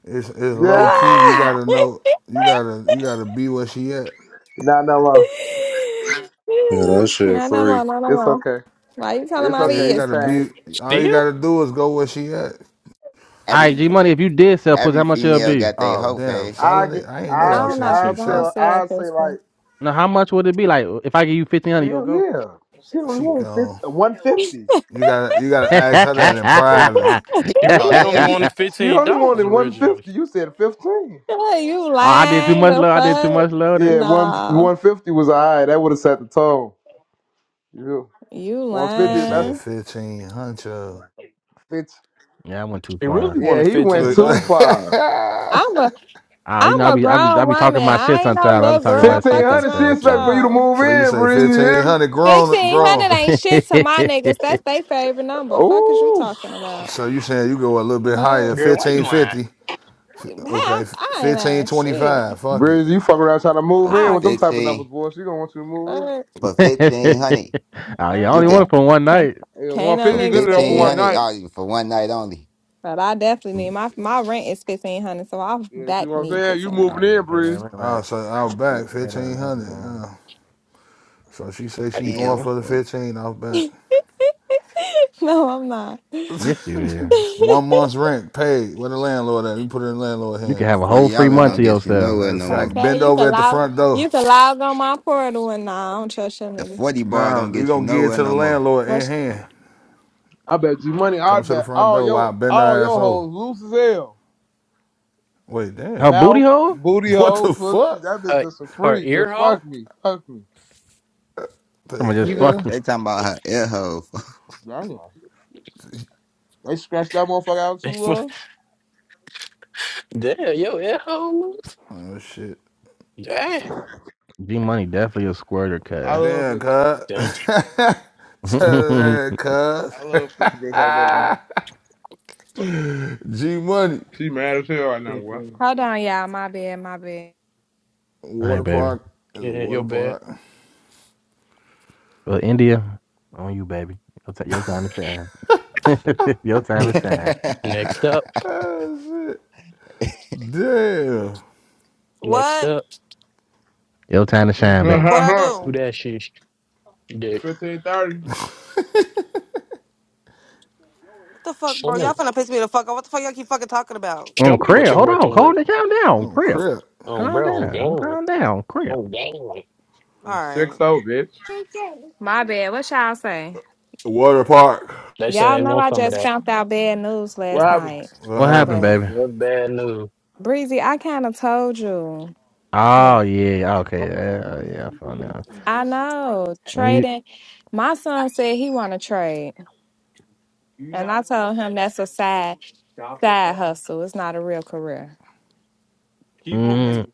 It's, it's low key. You Not Yeah. gotta know. You gotta you gotta be where she at. Not no more. Yeah, that shit no free. more, no, no It's more. okay. Why you telling It's my Yeah, you okay. You gotta be. change. business? All you Still, gotta do is go where she at. Every right, G Money, if you did sell pussy, how every much it'll female be? got their Oh hoe damn, face. I selling it. get. I ain't know I I y'all get. don't saying know, she I was because I don't tell. selling. sell I say Christian. like, Now, how much would it be? Like, if I give you fifteen hundred, you'll hell go. yeah. She only She want fifty. gone. One fifty. You gotta you gotta oh, ask her that in private. He he talking about really only hell yeah. wanted She fifteen only dollars wanted originally. 150. You said 15. you I did too lying much the load. I did too fuck? much loaded. Yeah, one Nah, 150 was all right. That would have set the tone. You you You 150, that's said lying. fifteen hundred. 50. Yeah, I went too He far. really Yeah, wanted he went fifteen Look. too dollars. far. I'm a Ah, you I'm know, I a be, I be, I grown be woman. talking my shit I ain't no sometimes. I little be talking my girl. shit Fuck is 1500, she wrong sometimes. with expecting Yeah. for you to y'all? move So you in, say Breezy. You fifteen hear me? hundred grown Fifteen grown. hundred ain't shit to my niggas. That's their favorite number. Fuck is you Ooh. talking about? So you saying you go a little bit Mm, Fuck, higher, Girl, why you fifteen lying? fifty. hey, Okay, I'm- I ain't fifteen lying twenty shit. five. Fuck it. Breezy, you fuck around trying to move So for in I. with them type of numbers, fifteen, boy. She gonna want you to move in. What? for fifteen hundred, oh yeah, I you only want Uh-uh. can it for one Can't, night. Yeah, can't no for 150 nigga good enough stay for fifteen one here. hundred night. oh, for one night only. But I definitely need Mm. my my rent is fifteen hundred, so I Yeah, see back what I'm need saying? You fifteen Oh hundred. moving yeah, in, pay that Breezy. rent Oh, right. so I'll back Pay that fifteen rent. hundred. girl. Uh, so she say How she you going Damn, doing? for the well, fifteen. I'll back. no, I'm not. Yes, you is. One month's rent paid. Where the landlord at? You put it in the landlord You can have a hand. whole forty free dollars month yeah. don't to get you yourself. Matter nowhere of no more. fact, Okay, bend you over can at the log front door. you can log on my portal and nah, I don't trust your The niggas. forty bar Now don't we get you gonna give it nowhere to the no more. landlord in What's hand. I bet you money. Come I to the bet front all door while I your bend all our ass your over. hoes loose as hell. Wait, damn. Her booty Mouth, hole? booty What hole, the pussy. fuck? That bitch Uh, just a her freak. Just ear hole, fuck me. Fuck me. The Someone just even. hell? fucking They talking about her ear hole. Damn. They scratched that motherfucker out They too, fu- love. Damn, yo, air hole. Oh shit. Damn, G Money definitely a squirter I cut. love Damn, this. cuz. damn. Tell All that I cuz. love freaky bitch like that though. G Money. She mad as hell right now, boy. hold on, y'all, my bad, my bad. right, Water baby. park is a Yeah, water yo, bad. park. Well, India, on you, baby. Your, ti- your time to shine. your time Hmm. to shine. Next up, Damn. next What? up. Your time to shine, baby. What I Who do? that shit? Dick. Fifteen thirty. What the fuck, Show bro? me, Y'all finna piss me the fuck off. What the fuck y'all keep fucking talking about? show On me what Crib, you're hold on, working calm with. down, calm down, Oh Crib. crap. Um, Calm bro, on down, game, calm down, Crib. on game. All Six right. oh, bitch. My bad. What y'all say? Water park. They say Y'all they know want I some of just that. found out bad news What last happened? night. What What happened, happened? But baby? That's bad news. Breezy, I kinda told you. What? Oh yeah, okay, yeah, yeah, I found out. I know When you, trading. My son said he want to trade, and I told him that's a side side hustle. It's not a real career. mm,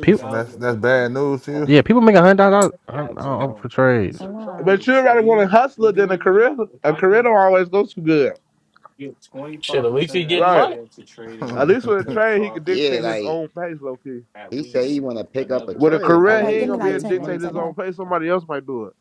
people, So that's that's bad news to you? yeah, people make a hundred dollars uh, uh, for trades. And, But um, you rather want a hustler than a career. A career don't always go too good. Shit, at least he getting Right. money. At least with a trade, he could yeah, dictate his like. own pace, low key. He say he want to pick up a With a trade, folks. career, Okay, he that give ain't you me gonna can be like able make to ten some dictate money. minutes. You his know? Okay, own pace. Somebody else might do it.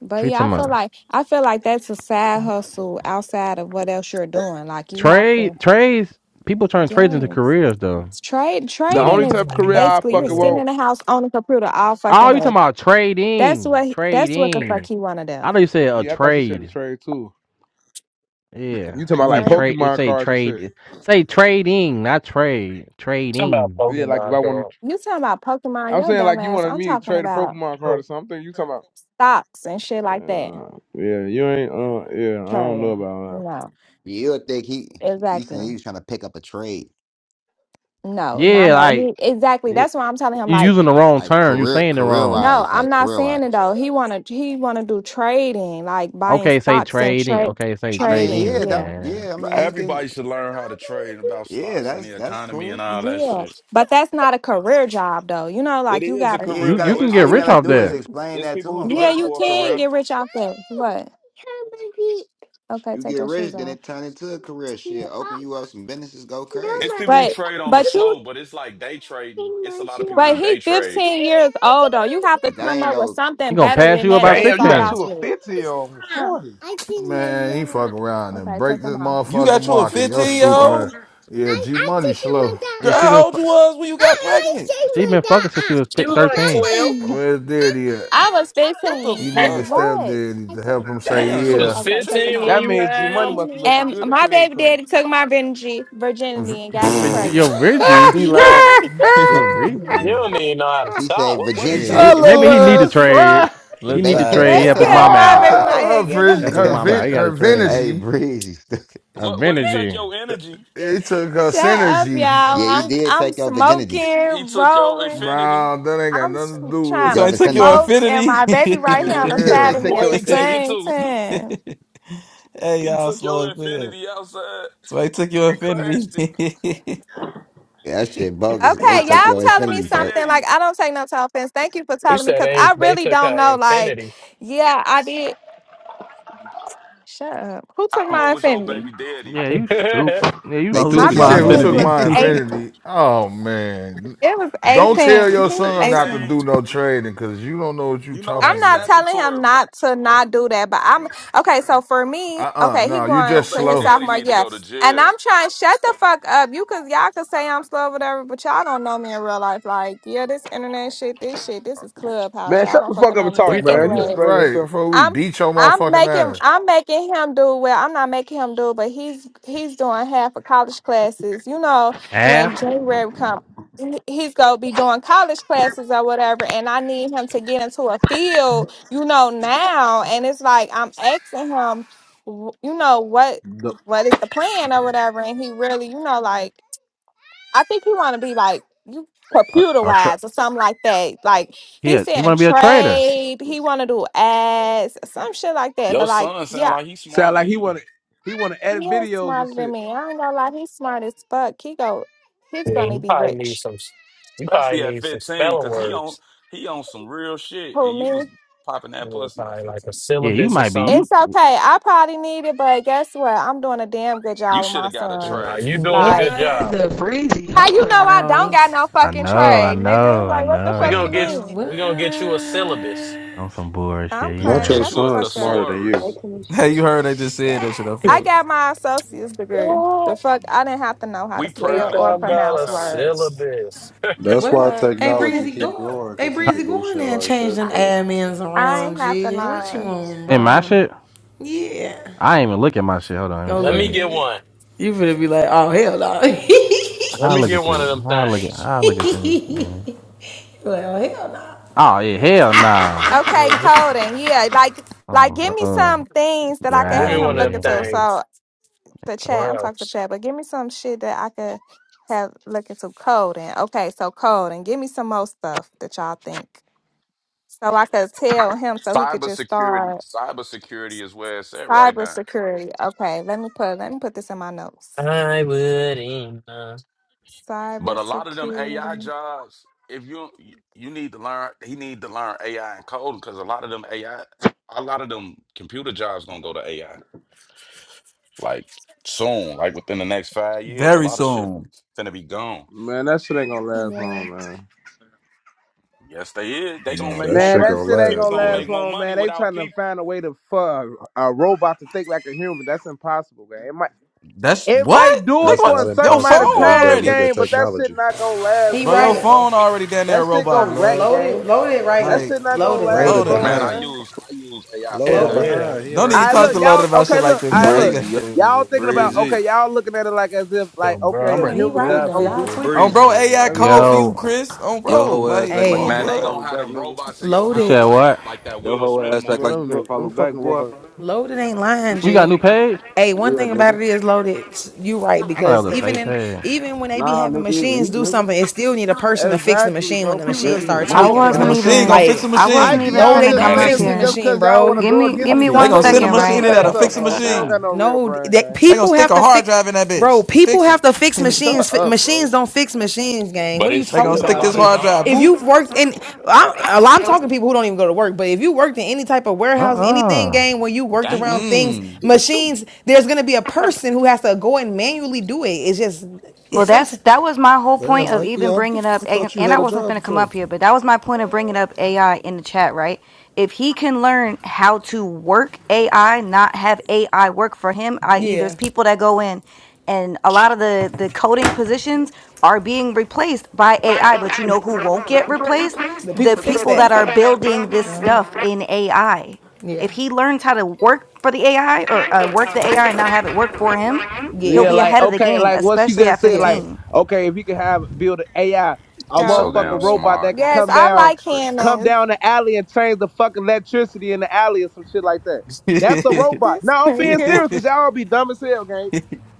but Treat yeah, I them feel up. like I feel like that's a side hustle outside of what else you're doing. Like you have Trade to, trades. People turn trades into yes. careers, though. Trade The trading only is type of career You I basically you're fucking sitting want in the house on the computer all fucking Oh, you day. talking about That's trading? what he- that's what the fuck Trading. he wanna do. I know you said a Yeah, I thought she said a trade. trade too. Yeah, You talking you about like mean Trey, trade? It's Pokemon a cards and trade. shit? it- Say trading, not trade. Trading. Yeah, like if I want, to you talking about Pokemon, I'm yo saying dumb like you ass. wanted I'm me to talking trade a about Pokemon card or something. You talking about? stocks and shit like that. Uh, yeah, you ain't. Uh, yeah, I don't Trey, know about no, You'll think he he said exactly. he was trying to pick up a trade, No, no, Yeah, no. like He exactly. it, That's why I'm telling him you're like, using the wrong like term. You're career saying it career wrong. no, wise, I'm like not career saying it wise. though. He wanna he wanna do trading, like buying Okay, say stocks and trading. trade Okay, say I mean, trading. trading. yeah, that Yeah, Okay, yeah. I mean, he Everybody can. should learn how to trade about Yeah, stocks and that's the that's economy and cool. all that yeah. shit. But that's not a career job though. You know, It like you is a gotta. Yeah, you you career you though. gotta can It's all get you people rich gotta off do is there. explain it's that people to who him, do Yeah, that folks. you for a can career. get rich off that. What? Okay, You take get your shoes rich, then off. it turn into a career shit. Open you up some businesses, go crazy. It's people who But trade on the but you flow, but it's like day trading. It's a lot of people who but he day trade. 15 years old though. You have to But that come ain't up with no. something You gonna better pass than you that about to Damn, you start got off sixteen. two of with. fifty on Huh. shorty. Man, he fuck around and Okay, break take them this off. You motherfucking got you a market. Yo 15 Um, year stupid bro. ass. that. old? Yeah, G Money slow. Yeah, Girl, she been how old you fu- was when you she, got pregnant? she been fucking since she was fi- thirteen. Where's Daddy at? I was What the He 15. need Like, a fuck? step what? daddy to help him say Damn, she was was yeah. Okay, take 15, them 15 when off. fuck you means G had Money him. must have looked And good as my hell or baby daddy something. took my virginity virginity and got me But y- your pregnant. Reggie, She it. Yo, lying, who? your You don't Reggie. even know how to She say talk. What what'd he Yeah, Virginji, take? he, maybe What'd he he need take to Last from you? Friday, trade. the He Look need to trade. He eyes That's help his because love. mama my out. baby best. oh, her right vi- Help here. his her mama out. He vi- got to her trade. hey, energy, breezy. A What what'd he take Venergy. your energy? it took her Shut up, synergy. y'all. Yeah, he I'm did I'm take your virginity, smoking, He took your rolling. infinity. Bro, that ain't got I'm s- nothing to do And with trying so your it. to I took your smoke, vicinity. and my baby right infinity. here For on the they side of real. me took at What'd your the he take it infinity. same to? time. hey He y'all took your slow as hell. infinity outside So I took your and infinity. crashed it. Yeah, That shit bogus. They How Okay, took y'all old your was your telling me infinity, baby folk. something daddy? like I don't take no to offense. Thank you for You telling me said because they I they really took don't her know. Like, infinity. yeah, I did. Shut up. Who How took my old was your infinity? baby daddy Yeah, you stupid. Who Yeah, you no, They who My took took stupid, She your G my said, baby "Who Money. daddy took was infinity? my eight. infinity. infinity?" Oh man, It was He don't was eighteen. tell he your was He was son 18. not to eighteen. do no trading because you don't know what you You know talking I'm that not about. telling him statutory. not to not do that, but I'm okay. So for me, Uh uh okay, he no, you going Your just to baby his slow. daddy sophomore need to year, go to and jail. I'm trying shut the fuck up. You cause y'all could say I'm slow, whatever, but y'all don't know me in real life. Like, yeah, this internet shit, this shit, this is clubhouse. man. Y'all Shut don't the fucking fuck up know and me. talk, you But man. talking You to? anyways. explaining Right, yourself. before we I'm beat your I'm motherfucking making ass. I'm making him do well. I'm not making him do, but he's he's doing half of college classes. You know, when Half? January come, he- he's gonna be doing college classes or whatever, and I need him to get into a field. You know now, and it's like I'm asking him, w- you know what Nope. what is the plan or whatever, and he really, you know, like. I think he want to be like you A computer I try. wise or something like that. Like he's Yeah, you saying want to be a trader? trade. He want to do ads, some shit like that. Your But like, son sound yeah, like he's Sound smarter like than he you, wanna he wanna he edit is videos and smarter than shit. me. I ain't gonna lie, he's smart as fuck. He go, he's Yeah, gonna you be probably need rich. some. s- You probably especially at need some 15, spelling cause he on words. he on some real shit, and Who you was me? popping that You know, pussy at probably like 15. a Yeah, you syllabus or might be. something. You. It's okay. I probably need it, but guess what? I'm doing a damn good You job with should my have got a son. Nah, trade. you doing a Like, good What job. the breezy how hoe you know I don't got house? no I fucking know, I trade, nigga? know, I Like, what the We fuck gonna you know. get. mean? What? We gonna get you a syllabus. I'm some I'm bullshit, crying. Not your yeah. Get Shut you the a son fuck up. smarter than you. Hey, thesaurus. Kanisha. hey, you heard I just said that shit Yeah. I I fuck. got my associate's degree. The Oh, fuck, I didn't have to know how to We they spell proud of or you. talking We about pronounce a proud of you. words. syllabus. That's What? why Fuck. Hey technology breezy, keep go. growing, Hey cause he breezy, could do go in shit there and like change that them I, though. admins I around. ain't have to G, what you learn. want, And my bro? shit, Yeah. I ain't even look at my shit. Hold on, let me Go Let look at me see. get it. one. You finna be like, oh hell no. Let I me look get at this. one of them I look at. things. I look at this. Man. like, oh hell no. Oh yeah, Yeah, hell no. yeah, Okay, Get, coding. Yeah, like, like, Oh, give bro. me oh, some things that I you're could give out me of have him one of look them here. into. So things, the chat, or I'm talking to else. chat, but give me some shit that I could have look into coding. Okay, so coding. Give me some more stuff that y'all think, so I could tell him, so he could just Cybersecurity, start cybersecurity is where it's at right now. cybersecurity. Okay, let me put let me put this in my notes. I wouldn't. uh, But a lot of them AI Cybersecurity. jobs, if you you need to learn, he need to learn AI and coding because a lot of them AI, a lot of them computer jobs gonna go to AI like soon, like within the next five years. A Very lot of shit soon. fin- finna be gone. Man, that shit ain't gonna last Yeah. long, man. Yes, they is. They gonna Nah, make that more Man, shit money. that gonna shit ain't People gonna last, gonna boy. last make more long, money man. They without trying to people. find a way to for a, a robot to think like a human. That's impossible, man. It might That's it what? might do Nigga, it That's what? for not a certain Your phone amount impossible, of boy. They You better time, look already. at game, but that shit technology. not gonna last He Bro, your right. long, bro. phone already down there, a That shit robot gonna No, wreck, blood. loaded, game. loaded That right. Like, shit not gonna Loaded last right, Loaded loaded. G. long, man, Like, I behind. man. use I use AI for Loaded Hell Loaded. yeah, behind. everything He don't don't right even I now. talk look, to understand. loaded y'all. about shit Okay, like look, this, I y'all. He look. Breezy, got yo- Y'all thinking about okay, breezy, y'all looking at it like as if so, like bro, I'm okay, if No, ready to he humans get right just out though. this don't Y'all do. Sh- On tweaking. breezy. bro, AI bitch. Let me code shut for up. you, Yo, Chris. On Yo bro. hoe ass Like, act come like you on, Hey, Man, can't they blood. follow gonna have back, them nigga. robots in your you house loaded, said like what? like that Yo Will hoe Smith ass act Bro, like movie. you them, ro- can't them follow back, fucking boy. robots. loaded ain't lying, You got a G. new page? Hey, one Yeah, thing about nigga. it is loaded. You right I thought that because was a even fake in page. even when they be Nah, having nigga, it's me, machines do something, nigga. it still need a person to fix the Exactly, machine when bro. the People machine just be Nigga, start it's I mine. tweaking, talking And the bro. wasn't just cause it. machine gonna even fix Like, the I wasn't Ike, machine. even no, y'all finna they just come Man, don't up saying fix it's the shit here. just machine, cause y'all want bro. to Give go me against I give me. me see They Shut you, one gonna your send a dick second, breezy. sucking machine right? in there to ass fix up, a folks. You don't got machine. no real No, brain, that gang. They gonna people stick have a to hard fix, drive in that bro. bitch. People Fix it. have to fix Just machines. shut Fi- up, machines bro. don't fix machines, gang. but What are you it's they talking gonna still a stick about, this lot of G? hard drive. If jobs Boop. you've worked in, I'm, a lot- I'm talking to people who don't even go to work. But if you worked in any type of Uh warehouse, anything, uh gang, where you worked around Damn, things, Mm-mm. he was shooting. machines, there's gonna be a person who has to go and manually do it. It's just, Well, it's that's something. that was my whole Damn, point of Mikey, even I, bringing up, I and, thought you and I had a wasn't job going to come before. up here, but that was my point of bringing up AI in the chat, right? If he can learn how to work AI, not have AI work for him, i.e., there's Yeah, people that go in, and a lot of the the coding positions are being replaced by Why AI. am But you I the know who won't who get rented the replaced? place? the people The The fix people people that that. are that are building this building this, Yeah, stuff in AI. If he yeah, learns how to work for the AI or uh, work uh, the work AI and not have that I it work have for work him, He'll for Yeah, be him. like ahead of the okay, game, like what she especially just at said, yeah. like 15. okay, if you could have build an AI, a He's so damn motherfucking Go ahead. robot that smart could Yes, come I and down, like pretty. come Hannah's. down the alley and change the fucking electricity in the alley or some shit like that. That's a robot. This No, I'm being nigga. serious because y'all be dumb as hell, gang.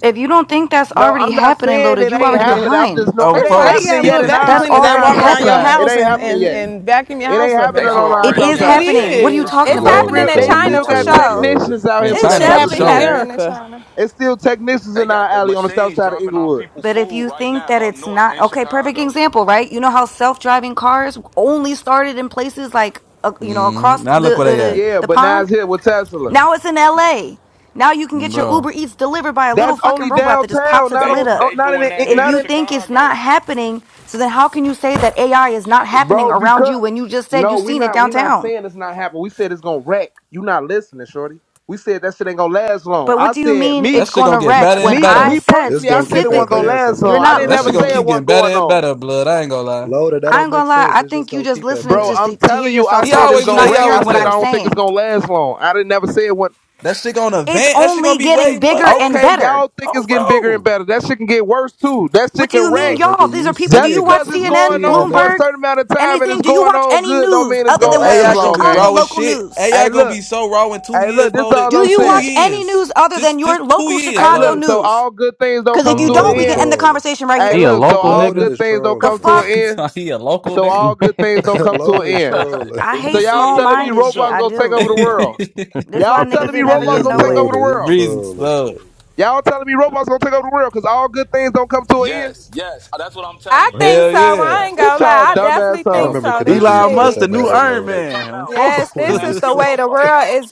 If you don't think that's No, already I'm not happening, saying loaded, it you ain't already happening. I'm just behind. no, oh, it First of ain't all, they folks. happening got yet little in vacuum our That's cleaners in that our already run South around your Side. happening. It house ain't and, happening and, yet. Mhm. and vacuum your It house ain't up They and happening on shit. our It already south is got It side. happening. What machines are you is. dropping talking You It's off They gotta about? people happening real. look in They on fools China still for right got now. YouTube, sure. Loaded. technicians out In here for That It's that shit China type for of happened definitely in shit, sure. gang. happening in America. China. It's still technicians They in got our the alley on the south machines side of dropping off Inglewood. people But if food you right think now that up it's north not in okay, perfect Chicago. example, right? You know how self-driving cars only started in places like uh, you know hmm across Now look where they the at, uh, Yeah, the but now it's pond. here with Tesla. Now it's in L.A. Now you can Mm, get your bro. Uber Eats delivered by a little That's fucking only robot that just pops downtown, its not They lid on, up. they on- not doing in, that in, here if not in you in, think it's not Chicago. happening, so then how can you say that AI is not happening bro. around you Because when you just said you no, we seen it not, we not downtown? saying it's not happening. We said it's gonna wreck. You not listening, shorty. We said that shit ain't gonna last long. But what I do you said mean me, That it's shit going gonna to get better wreck when and me, better. I me said It's personally. I gonna said keep it wasn't gonna specifically advancing, last you're long. Loaded. I That not didn't don't That never shit make gonna say it listening? keep sense, getting wasn't better folks. going and on. better, blood. I ain't gonna lie. Loaded, that I don't ain't make gonna lie, sense. I It's just think you gonna just keep listening Bro, just I'm to, advancing. to hear telling you, I yourself He said talk it's because always you're do gonna that. not He wreck. always I hearing do what said I'm that. I don't think it's saying. gonna last long. I didn't never say it went. That shit gonna It's advance. That shit only gonna be getting way more bigger and Okay, advanced. better. y'all think Oh, it's getting bigger and bro. better. That shit can get worse too. That What shit do can you mean, Nah, wreck. y'all? nigga, These you are people. Do Just you seeing watch it. because it's You CNN, going seeing it, on for a nigga. Bloomberg, certain amount of time and anything? it's Do you going watch on any good, don't news mean it's other Bro, gonna than what's last your AI gonna long, be Chicago gang. raw as local shit. news? AI Hey, gonna look. be so raw in two Hey, years, look. This loaded. all Do I'm you Two watch saying. any years. news other than Just, your just two local years, Hey, Chicago look. loaded. So news? all good things don't Because if come you to an don't, we Loaded can end. Mm. end the trolling. conversation right Hey, He here. a look. So local all Loaded nigga? good is things don't The trolling, come to man. an fuck? he end. thought he a local So nigga. all so good things don't come to an loaded end. trolling. I if So you hate y'all said small he a telling me minded local shit. robots I joker, gonna take do. over the then don't. world? That's Y'all why niggas telling me will G never robots get is gonna take over nowhere. the loaded. He world? Reason trolling. slow. Folks. Y'all telling me robots gonna take over the world because all good things don't come to an end? Yes, yes, that's what I'm I telling you. think Hell so. Yes, yeah. I yes, ain't that's It's gonna what I'm y'all lie. I telling you. definitely dumbass I And I'm think on. remember so. finna buy Kanisha This me a used Elon to rope get Musk, the that shit. new mad at soon Iron as they Loaded come Man. I'm out. Yes, focused. I'm when this he buying is was. me the a way the robot. world is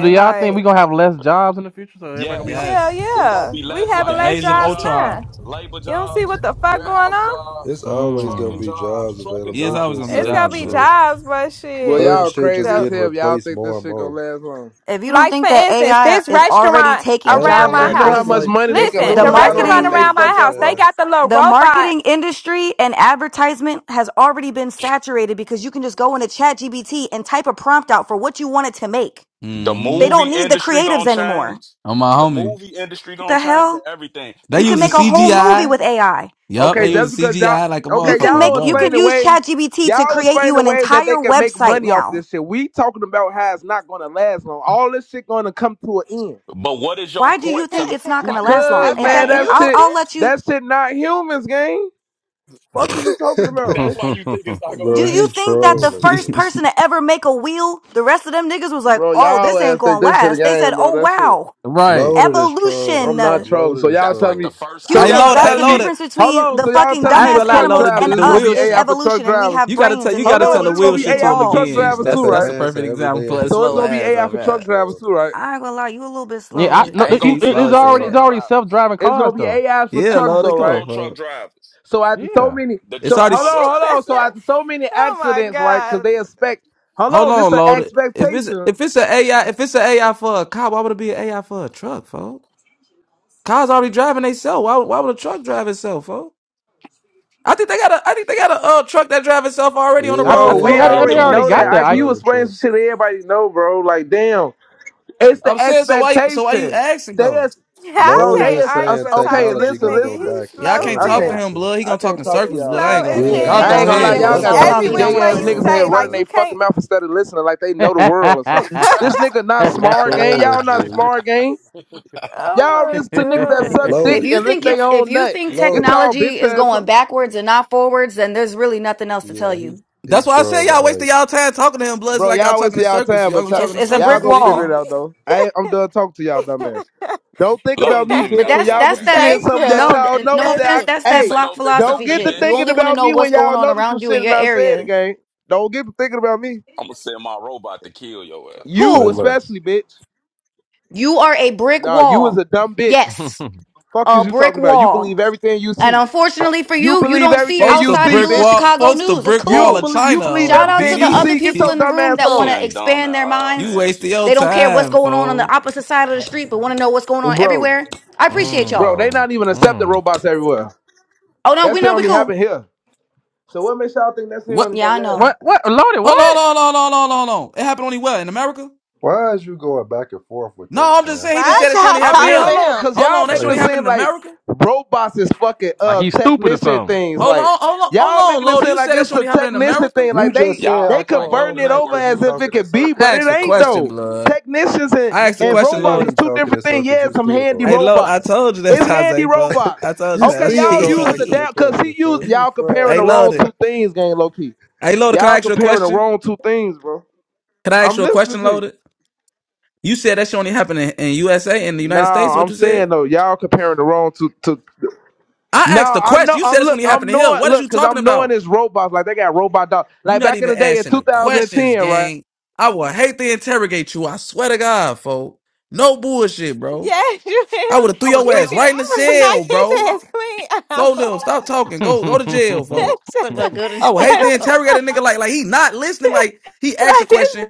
do y'all think we Like, gonna have less jobs in the future? So everybody gonna be Yes. hell yes. It's gonna yeah. be We less like having The less age of menial jobs jobs, now. Ultron. labor You don't see jobs, what the fuck going warehouse on? it's jobs, always gonna trucking be home? jobs. jobs Trucking He available. is It's jobs always gonna gonna just be be It's certain gonna Jobs be though. shit. jobs, but Well, Certain shit. y'all shit just crazy The as getting hell. if Y'all replaced think more this and shit gonna more. last long? If you don't Like think for that instance, AI this is already restaurant I taking ain't around gonna jobs, you're my lie. You know how house. Just much crazy. like money they just can Listen, like The the lose what out on restaurant if Ashley marketing, they was around my fuck just house, up, they bro. saying. got the little the robot. marketing industry and advertisement has already been saturated because you can just go into ChatGPT and type a prompt out for what you wanted to make. the They Mm-hmm. movie don't need the industry creatives gonna anymore. change. On my The homie. movie industry What gonna the change hell? and everything. They They You can not use the even make a gonna whole need movie CGI. with sets. AI. Yup, they Okay, Yeah, just use the because y'all CGI like a You okay, can motherfucker, y'all make you bro. explain can the use ways ChatGPT to y'all create explain you the an ways that entire they can make website money off now. this shit. We talking about how it's not gonna last long. All this shit gonna come to an end But what is your Why do you point think to it's not going why to do you last say long? because it's In not Okay, man, fact, gonna if that you. I'll shit last? I'll let you that shit not humans, gang. Fuck is you talking But about, that's nigga? why you think it's Mm. not gonna do bro. you He last. think that the trolling. first Yeah. person to ever make a wheel, the rest of them niggas was like, Bro, "Oh, y'all this ain't ass going think to this shit a last." They said, game, bro. "Oh That shit. wow. right. Loaded is trolling, I'm not man. Evolution. trolling. So Loaded is y'all That's telling like the me. trolling. first So I Humans, y'all loaded. that's I iPhone. the telling me. loaded. difference Hold between on. the So y'all fucking telling me I ain't for gonna dumbass lie, truck animals loaded the, and drivers, the it's gonna us be wheel is shit. AI for truck evolution and we drivers. have You gotta brains tell and you the Hold gotta tell on. ability the It's gonna wheel to be shit to AI him for He truck evolve." sees again. drivers stuff too, That's that's right? a perfect advancing every example day for in a his So it's slow gonna face, be ass, AI all for man. He truck right. drivers trolling. too, right? I ain't gonna lie, you a little bit slow yeah, I loaded. no. Ain't You, gonna He's be it- no slow it's as more already truck it's hell. already self drivers. driving It's gonna cars be though. AI for Yeah, Ain't trucks gonna loaded. though, be no Come on, right? more truck bro. drivers. So after so Yeah, many, The It's so trucks already. hold gonna on, drive hold on. So after themselves. so many oh my accidents, right? Because god, they expect. Hold Hold on. This on, an loaded. If it's expectation, if it's an AI, if it's an AI for a car, why would it be an AI for a truck, folks? Cars already driving themselves. Why would- why would a truck drive itself, folks? I think they got a I think they got a uh, truck that drive itself already on the Yeah, I I, bro. road, say I, We a folks. They I- they already do. Amazon already know got that. self that, I can Ike. you driving explain truck. some shit that everybody know, bro. Like damn. It's the I'm saying so why so why you expectation. asking They though? is, I bro. Loaded They can't is is us- argue saying and talk okay. to technology this Listen, gonna nigga. go listen. He's backwards. Y'all That slow as can't don't I even talk to can't, hell. make him, sense. blood. He I gonna talk can't in talk to He's circles, y'all, blood. I slow ain't gang. gonna as lie. Yeah, He Y'all he he I just go ain't hell. want gonna to lie. Like ahead, hear he. Y'all he That's folks. got himself why I too talk. every many He said which don't he gay want to way ass you niggas listen. in trolling, here say, like running blood. you their fucking can't. mouth instead of listening, like they know the world or something. This nigga not You smart, gang. trolling, Y'all not G. smart, gang. Oh Y'all my listen to niggas that suck god. dick If Loaded, you and lick think yeah. their it's if own you nut. think Get loaded. y'all technology bitch is ass going on, backwards and not forwards, then there's really nothing else to tell Yeah, he you. he That's why I say trolling. y'all wasting Like y'all time talking to him, blood. It's bro. like y'all Y'all waste talking in y'all circles. time, Y'all gonna but be y'all, It's talking in it's a y'all brick circles, gonna figure bleed. it wall. out though. I ain't, I'm done talking to y'all dumbass. Don't think Loaders about me, don't even But bitch. got a When that's y'all point, get that's to man. seeing that Thank something that you. no y'all no notice offense, that that's I He that hey, say, block don't think don't about philosophy me, get to shit. You bitch. thinking only want to about know me what's when going y'all on notice some around you in shit and your I say it area. again. Don't get to thinking about me. I'ma send my robot to kill your ass. You say Who? less. especially, bitch. You are a brick Nah, you is wall. a dumb bitch. Yes, mm, Fuck a is you brick talking about? You wall. believe everything you And see. unfortunately for You you, you believe don't see everything Folks, you the outside of see, your brick little bitch. wall. Chicago Folks, the news. It's brick You wall don't of cool. believe you China believe on Shout out to everything the you BD. other see. Get people your in the dumb room ass that She want on. to ain't dumb expand at their all, You minds. and wasted she your They don't she care what's time, cold. going on on the fool. opposite side of the street, but want to know what's going on Bro, everywhere. I She appreciate bro, y'all. cold. they not even accepting mm. robots everywhere. Oh no, That we shit know we only cool. happen here. So what makes y'all think that shit What? only Yeah, gonna I last? know. What what loaded? Hold on, What? hold on, hold on, hold on, hold on. It happened only where? In America? Why is you going back and forth with that, No, I'm just man? saying. He just Why said that shit only y'all I happened mean, talking to here. hold him? on, cause Hold y'all on, that shit making it Like only happened seem in like America. robots is fucking Like uh he's stupid technician or things. Hold Like on, hold on, hold y'all on, making it Lord. seem You like said that it's shit a only happened in technician America. thing. you Like just they say Y'all they act out your like own converting Loaded it ain't mouth over worth that he as talking if to. it talking in could be, but circles, I and it asked you a go ain't question, ask though. him. blood. Technicians and, I You asked a and just question, robots said Lord. is he two talking in different things. circles. Yeah, You it's some still handy gonna Hey, ask Lord, him I that. robots. told you that, It's handy Taze, fuck. robots. I told you You Okay, that. still y'all gonna using the ask him the damn cause question, he bro. used You y'all comparing hey, the fried. wrong Lord. two things, gang low key. Hey, Lord, can I Y'all ask you a comparing the question? wrong two things, bro. Can I ask I'm you a listening question, to you. Lord? You said that shit only happened in, in USA, in the No, United States. What I'm you said? saying though, y'all comparing the wrong two, two, I No, asked the I know. question. You I'm said this when look. you I'm happened to Hill. knowing. What is Look, you cause talking I'm knowing about? this robots. Like they got robot dogs. You Like not back in even the day in asking the questions, 2010, right? gang. I would hate to interrogate you. I swear to God, folk. No bullshit, bro. Yes, you I I would have threw would have your You threw would your ass be. your right ass. in the I would have cell, bro. knocked his ass clean out. Fo them. Stop talking. Go something. go to jail, folks. Shut Look the- what good. I would hate to like, interrogate a nigga like like he not listening. Like he asked a like question.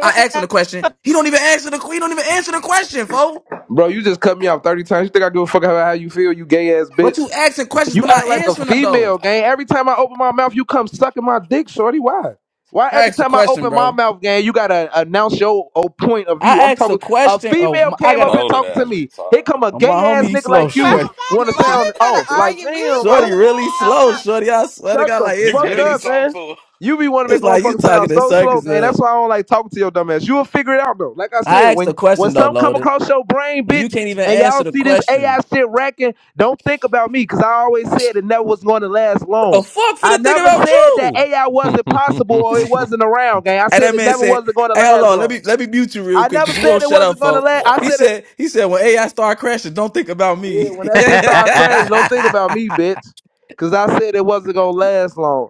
I asked him the question. He don't even answer the he don't even answer the question, folks. Bro, you just cut me off 30 times. You think I give a fuck about how you feel? You gay ass But you bitch. asking questions but You not act like a answering them though. female, gang. Every time I open my mouth, you come sucking my dick, shorty. Why? Why I every asked a time I question, open my bro. mouth, gang, you gotta announce your oh, point of view? I I'm asked a talking. A question. Oh, female my, I came got to up here Loaded talking to ass me. Here retarded. come a Oh, gay my homie, ass he nigga slow, like you. Why, shorty. Want to He why sound we off? gotta crazy. Like argue? We was damn, Shorty bro. having a, really a, slow, con- shorty. I swear to Shut God, the like You it's fuck can't really, even up, talk man. to You be want to it's make a like you motherfucker sound talking in so slow, circles. gang. uh. That's why I don't like talking to your dumb ass. You'll figure it out though. Like I said, I asked a when when question though, something come loaded, across your brain, and you bitch, can't even and answer y'all the see this AI question. shit racking, don't think about me, cause I always said it never was going to last What the long. fuck for I the thing never about said that you? AI wasn't possible or it and wasn't around, gang. I said that it man never said, wasn't going to "Hey, hold last on, let me long. let me mute you real I quick, never cause you said won't it shut up, wasn't going to folks." last. her. I He said it. said, "He said when AI start crashing, don't think about Yeah, me." when that he shit started crashing, don't think about me, bitch, cause I said it wasn't going to last long.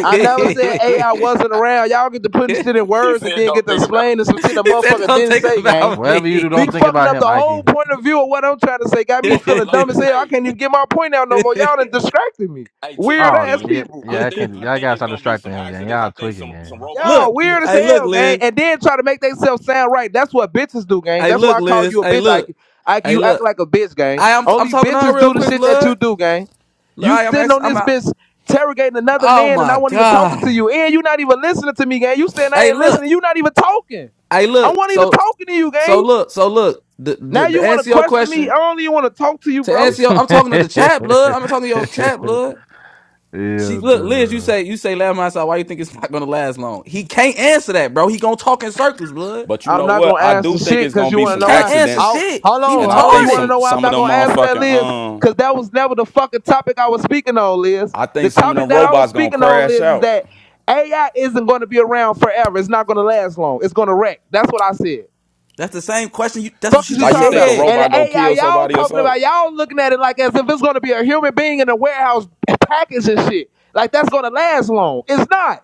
I never said AI wasn't around. Y'all get to putting shit in he words and said, then don't get to think about. explaining some shit a said, motherfucker "Don't didn't think say, gang. about Whatever you do, Be don't me." think fucking about up him, the Ike. whole point of view of what I'm trying to say. Got me But but feeling dumb Loaded, as hell. I hey can't even get my point out no more. Y'all done distracted me. hey, to Weird your Oh, ass point, yeah, people. I yeah, I think can't. I Y'all think gotta it's start gonna be distracting some him, gang. accidents. Y'all I think tweaking, some gang. some robots gonna Look, Y'all kill weird as some hey, people look, hell, or something. gang. Liz. And then try to make themselves sound right. That's what bitches do, gang. Hey, That's look, why I call Liz. you a Hey, bitch, look. Ike. Ike, Hey, you act look. like a bitch, gang. I am. I'm Only talking to her bitches real do the quick, shit that you Lud. do, gang. Look, You I am. sitting Ex- on I'm this out. bitch interrogating another Oh man and I my won't even talking to god. you. And you not even listening to me, gang. You saying I Hey, ain't look. listening. You not even talking. Hey, I look. wasn't even So, talking to you, so gang. look. So look. The the, Now the you want to answer your question me. question I don't even want to talk to you, to bro. answer your. I'm talking to the chat, blood. I'm talking to your chat, blood. She yeah, look, Liz. You duh. say you say last my side. Why you think it's not gonna last long? He can't answer that, bro. He gonna talk in circles, blood. But you I'm know not what? gonna I do answer think shit it's because gonna you be He wanna some know can't why. answer accidents, I'll, shit. hold He and on, I hold on. think You wanna retarded. some know why I'm some of not them gonna answer that, motherfucking Liz? um, Because that was never the fucking topic I was speaking on, Liz. I The think some of topic them that I was robots gonna speaking on, crash Liz, is out. that AI isn't gonna be around forever. It's not gonna last long. It's gonna wreck. That's what I said. That's the same question. You, that's what Fuck she is you Like just you talking think a about? said. And robot the gonna AI kill y'all somebody or talking something? about, y'all looking at it like as if it's gonna be a human being in a warehouse packaging shit. Like that's gonna last long. It's not.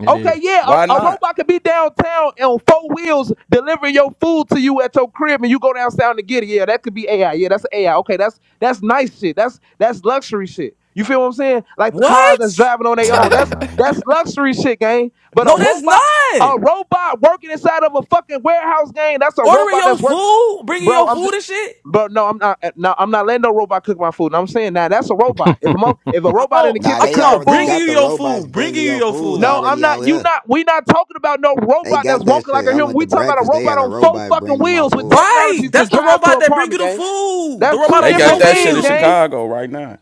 It Okay, is. yeah, a, Why a not? robot could be downtown on four wheels delivering your food to you at your crib, and you go downtown to get it. Yeah, that could be AI. Yeah, that's AI. Okay, that's that's nice shit. That's that's luxury shit. You feel what I'm saying? Like the cars that's What? driving on their I own. don't That's know. that's luxury shit, gang. But a No, that's robot, a not robot working inside of a fucking warehouse, gang. That's a ordering robot your that's work, food, bringing bro. your I'm food just. and shit. Bro, no, I'm not. No, I'm not letting no robot cook my food. No, I'm saying now that's a robot. If a mo- if a robot in the Oh, nah, I'm kitchen they talking cooking about already food, bringing you got the your robots food, bringing bringing you your your food food. no, I'm already out not. You here. not. We not talking about no They robot that's got that walking like shit. a I human. went to We talking about a breakfast. They robot had a on four robot fucking bring me my wheels with food. Right, technology to that's the drive to an robot that bring you apartment, the gang. food. The That's robot two They on got different four Yeah. that shit things, in gang. wheels. Chicago right now.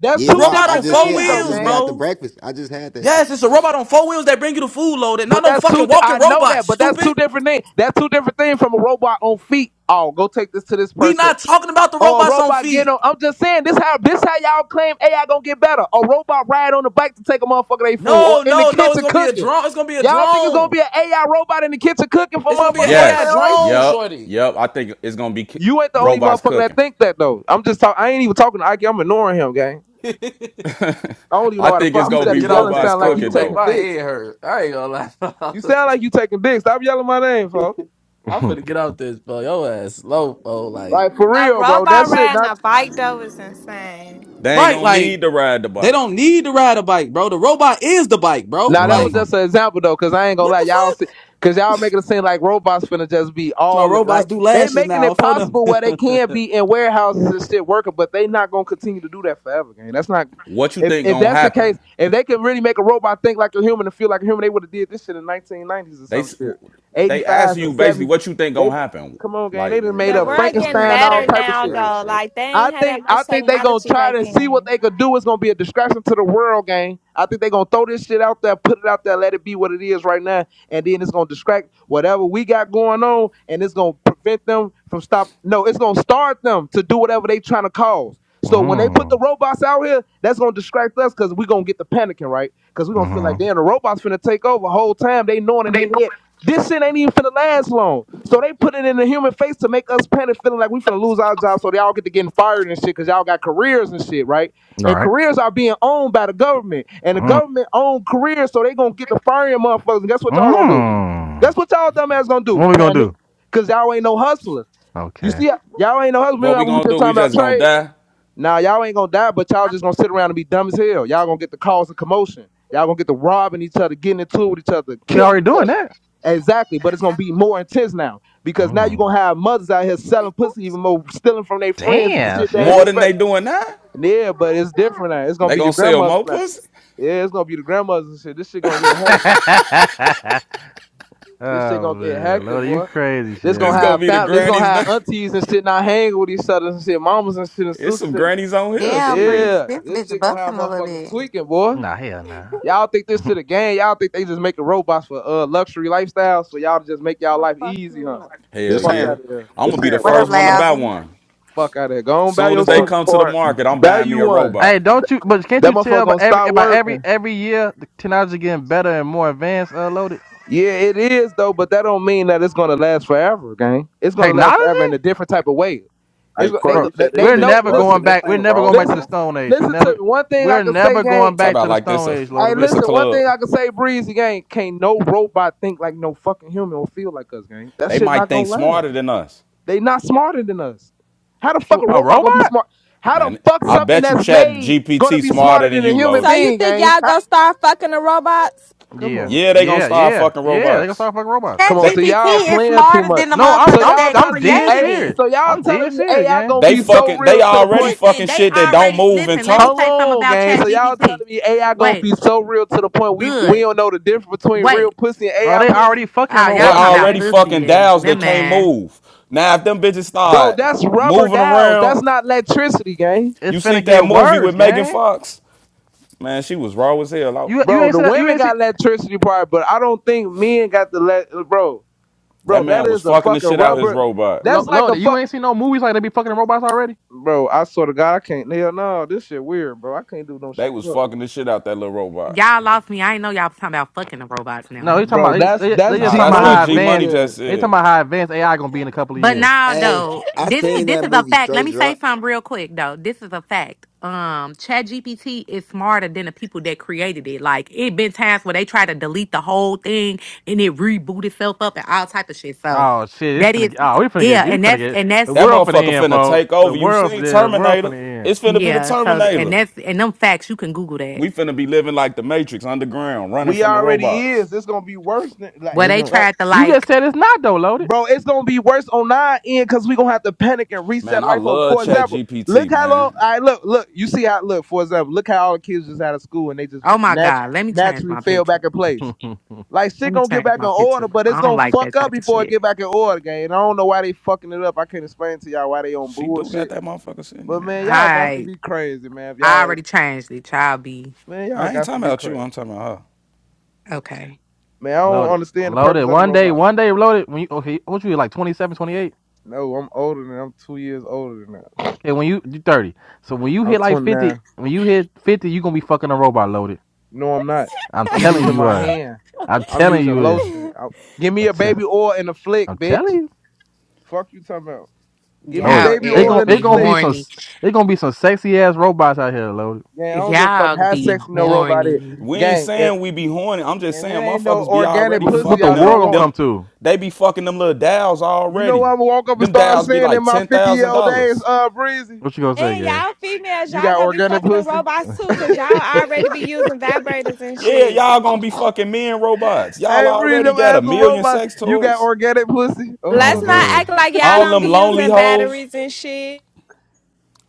That's Yeah, The two nah, robot I on different just four said, things, I though, just wheels, went gang. out to bro. breakfast. I just had that shit. Yes, it's a robot on four wheels that bring you the food loaded. Not But no that's two. fucking di- walking I know robot, that, but that's two stupid. different things. That's two different things from a robot on feet. Oh, go take this to this We person. not talking about the or a robots on robot getting feet. on. I'm just saying this how this how y'all claim AI gonna get better. A robot ride on the bike to take a motherfucker they food, or No, in the no, no. It's kitchen gonna be a cooking. drone. It's gonna be a Y'all think it's gonna drone. be an AI robot in the kitchen cooking for It's gonna be an motherfuckers later AI Yes. in life? drone, Yep. shorty. Yep. I think it's gonna be ki- You ain't the only robots motherfucker that cooking. think that though. I'm just talking. I ain't even talking to Ike. I'm ignoring him, gang. I don't even I know why the think fuck it's I'm he gonna finna be started get off yelling. robots this Sound like phone. he You cooking make taking though. my dicks. head hurt. I ain't gonna lie. You sound like you taking dicks. Stop yelling my name, folks. I'm mm-hmm. finna get off this phone. Your ass low, bro. Like, Like for a real, bro. That robot shit. riding not a bike though is insane. They ain't Right, gonna like need to ride the they bike. don't need to ride a bike, bro. The robot is the bike, bro. Now that was Like, Mm-hmm. just an example though, cause I ain't gonna what lie, the y'all fuck? see, cause y'all making it seem like robots finna just be So my all in. robots like do they lashes making now it for them. possible where they can be in warehouses and shit working, but they not gonna continue to do that forever, gang. That's not What you if think if gonna that's the happen? case, if they could really make a robot think like a human and feel like a human, they would have did this shit in nineteen nineties or They some s- shit. Eighty they ask fives you and basically seventies. what you think They gonna happen. come on, gang, they Like done Man, you made The up know, world getting Frankenstein, technology all better has type to of now shit. grow, though. folk. Like they I ain't had that think much I think they gonna technology try back to see what then. they could do. It's gonna be a distraction to the world, gang. I think they gonna throw this shit out there, put it out there, let it be what it is right now, and then it's gonna distract whatever we got going on, and it's gonna prevent them from stop. No, it's gonna start them to do whatever they trying to cause. So when they put the robots out here, that's gonna distract us because we gonna get the panicking, right? Because we gonna feel like Mm-hmm. damn the robots finna take over whole time. They knowing in their head this shit ain't even finna last long. So they put it in the human face to make us panic, feeling like we finna lose our jobs. So they all get to getting fired and shit, because y'all got careers and shit, right? All And right. careers are being owned by the government, and the Mm. government own careers, so they gonna get the firing motherfuckers. And guess what y'all gonna do? Guess Mm. what y'all dumbass gonna do? What we gonna Panic, do? cause y'all ain't no hustlers. You Okay. see, y'all ain't no hustlers. What Remember we how we were gonna just do? talking We about just gonna trades? die Now y'all ain't gonna die, but y'all just gonna sit around and be dumb as hell. Y'all gonna get the cause of commotion. Y'all gonna get to robbing each other, getting into it with each other, We killing already each doing other. that. Exactly, but it's gonna be more intense now because now you're Mm. gonna have mothers out here selling pussy even more, stealing from their friends and Damn, shit they ain't more Shady. than they expect. doing now. Yeah, but it's different now. It's gonna They be your gonna sell grandmothers more now. pussy. Yeah, it's gonna be the grandmothers and shit. This shit gonna get hectic. oh This shit gonna get man, hectic, Lord, you boy. crazy, This It's gonna Shady. gonna have be the family. This gonna grannies now. have aunties and shit not hanging with each other and shit, mamas and shit and It's some sisters. grannies on here. Damn, Shit. Breeze, Yeah, this this bitch shit gonna busting have a little motherfuckers bit. tweaking, boy. Nah, hell nah. Y'all think this shit a game? Y'all think they just making robots for uh luxury lifestyles for y'all to just make y'all life fuck easy, you huh? Hell This Fuck ain't yeah. out of here. I'm gonna this be the ain't What first up, Ross one to room. buy Lousy? one. Fuck out of here. Go on, buy Soon as your they Court, soup. come to the court. market, I'm Buy buying me you a one. Hey, robot. don't you? But can't That you motherfucker tell by gonna every stop by every working. every year the technology getting better and more advanced, uh, loaded Yeah, it is though, but that don't mean that it's gonna last forever, gang. It's gonna last technology, forever in a different type of way. It's Hey, go- they Corey, bro. go- you they said this they We're bitch know. never Listen, busting. going This back. We're ain't never going Ross back to the listen, room. Stone Age. We listen to me. never. One thing I We're can say, never gang. going Talk back about to the like this Stone a Age, Hey, loaded. We're this a listen, one thing club. I can say, Breezy gang, can't no robot think like no fucking human or feel like us, gang. That They shit might not think gonna last. smarter than us, They not smarter than us. How the fuck a a robot gonna be robot. smart? How the man. fuck I something bet you that's Chat made gonna GPT be smarter smarter than than a you, human So loaded. you being, think gang? y'all How- gonna start fucking the robots? Come Yeah, on. Yeah, they gonna yeah, start yeah, fucking yeah. They gonna robots. start fucking robots. That Come on, They so y'all GPT is playing too smarter much. than the No, I'm So motherfuckers I'm y'all that I'm telling me dead created A serious. it. so y'all I'm dead telling me serious, AI gang. gonna they be so fucking they real to the already point. Listen, fucking they shit that don't already move and listen. Let me Hold talk. say something on, about gang. Chat So y'all GPT. telling me AI gonna Wait, be so real to the point we we good. don't know the difference between real Wait. pussy and Bro, AI they pussy? already fucking Oh, They y'all talking robots, about already gang. pussy fucking and dows. They that can't man. move. Now if them bitches Bro, start that's rubber moving dowels. That's around, not electricity, gang. It's you seen finna that get movie with worse, Megan gang. Fox? Man, she was raw as hell You out, you Bro, ain't the see man. that. You women ain't see. got electricity part, but I don't think men got the le- bro. That Bro, that man was is a fucking the fucking shit out his rubber. robot. That's like a Loaded. You fuck ain't seen no movies like they be fucking robots already. Bro, I swear to God, I can't. Hell no, this shit weird, bro. I can't do no They shit. was Bro, fucking the shit out that little robot. Y'all lost me. I ain't know y'all was talking about fucking the robots No, now. he talking bro about that's they, they, they that's just Nah, G talking that's about Money what how G freaky Money advanced just ass. they talking said. about how advanced AI gonna be in a couple of But years. now Hey, though, I this seen this that is a movie fact. Let Straight me Drop. say something real quick though. This is a fact. Um, ChatGPT is smarter than the people that created it. Like it been times where they try to delete the whole thing and it reboot itself up and all type of shit. So Oh shit, it's that finna is get oh we finna get yeah, we and finna that's get and the that's That world finna motherfucker end, finna folks. take The over. You world seen yeah, the world Terminator? finna end. It's finna be the yeah. So and Terminator. that's and them facts you can Google that. We finna be living like the Matrix underground, running We from the already robots. is. It's gonna be worse than like Where It's they gonna, like. tried to you just like, said it's not though, loaded. bro, it's gonna be worse on our end because we're gonna have to panic and Man, reset I life over. love For Chat example, look GPT, how long man. I look, look, you see how look, for example, look how all the kids just out of school and they just oh my nat- god, let me change naturally my fell back picture. in place. Like Let shit me gonna get change back in my picture. order, but it's I don't gonna like fuck that up type of before it shit. get back in order, gang. And I don't know why they fucking it up. I can't explain to y'all why they on She do got bullshit. that motherfucker sitting But there. man, y'all got to I be crazy, man. If I y'all already changed it. Child B. man, y'all I ain't got to talking be about you. crazy. I'm talking about her. Okay. Man, I don't loaded. understand the Loaded. purpose of the One day, robots. one day loaded. When you okay, what you hit like 27, 28. No, I'm older than I'm two years older than that. Okay, when you you 30. So when you I'm hit like 50, 29. when you hit 50, you gonna be fucking a robot loaded. No, I'm not. I'm I'm telling using you, my uh, hand. I'm I'm telling using you, uh, lotion. I- give me I'm, a t- baby oil and a flick, I'm bitch. telling you. Fuck you talking about. Give me Loaded. Y'all baby It is oil gon' and a it be gonna be flick. some horny. it gonna be some sexy ass robots out here, loaded. Gang, I don't give a fuck Y'all how be sexy no robot is. horny. We ain't Gang, if saying we be horny. I'm just and it saying ain't no motherfuckers be organic already Wh- What pussy the fucking I them. don't world gonna want. Them come to? they be fucking them little dials You know what already. I'm gonna walk up and Them start dials be saying like in my ten 50 year thousand old days, dollars. uh, Breezy, What you gonna say, and Gary? y'all females, you y'all got gonna be organic fucking the pussy. robots too, cause y'all already be using vibrators and Yeah, shit. y'all gonna be fucking men robots. Y'all Hey, Breezy, already I'm got a as a million robot, sex you got toys. organic pussy. Oh, oh, Let's fuck not it. bro, act like y'all All don't them be lonely using hoes. batteries and shit.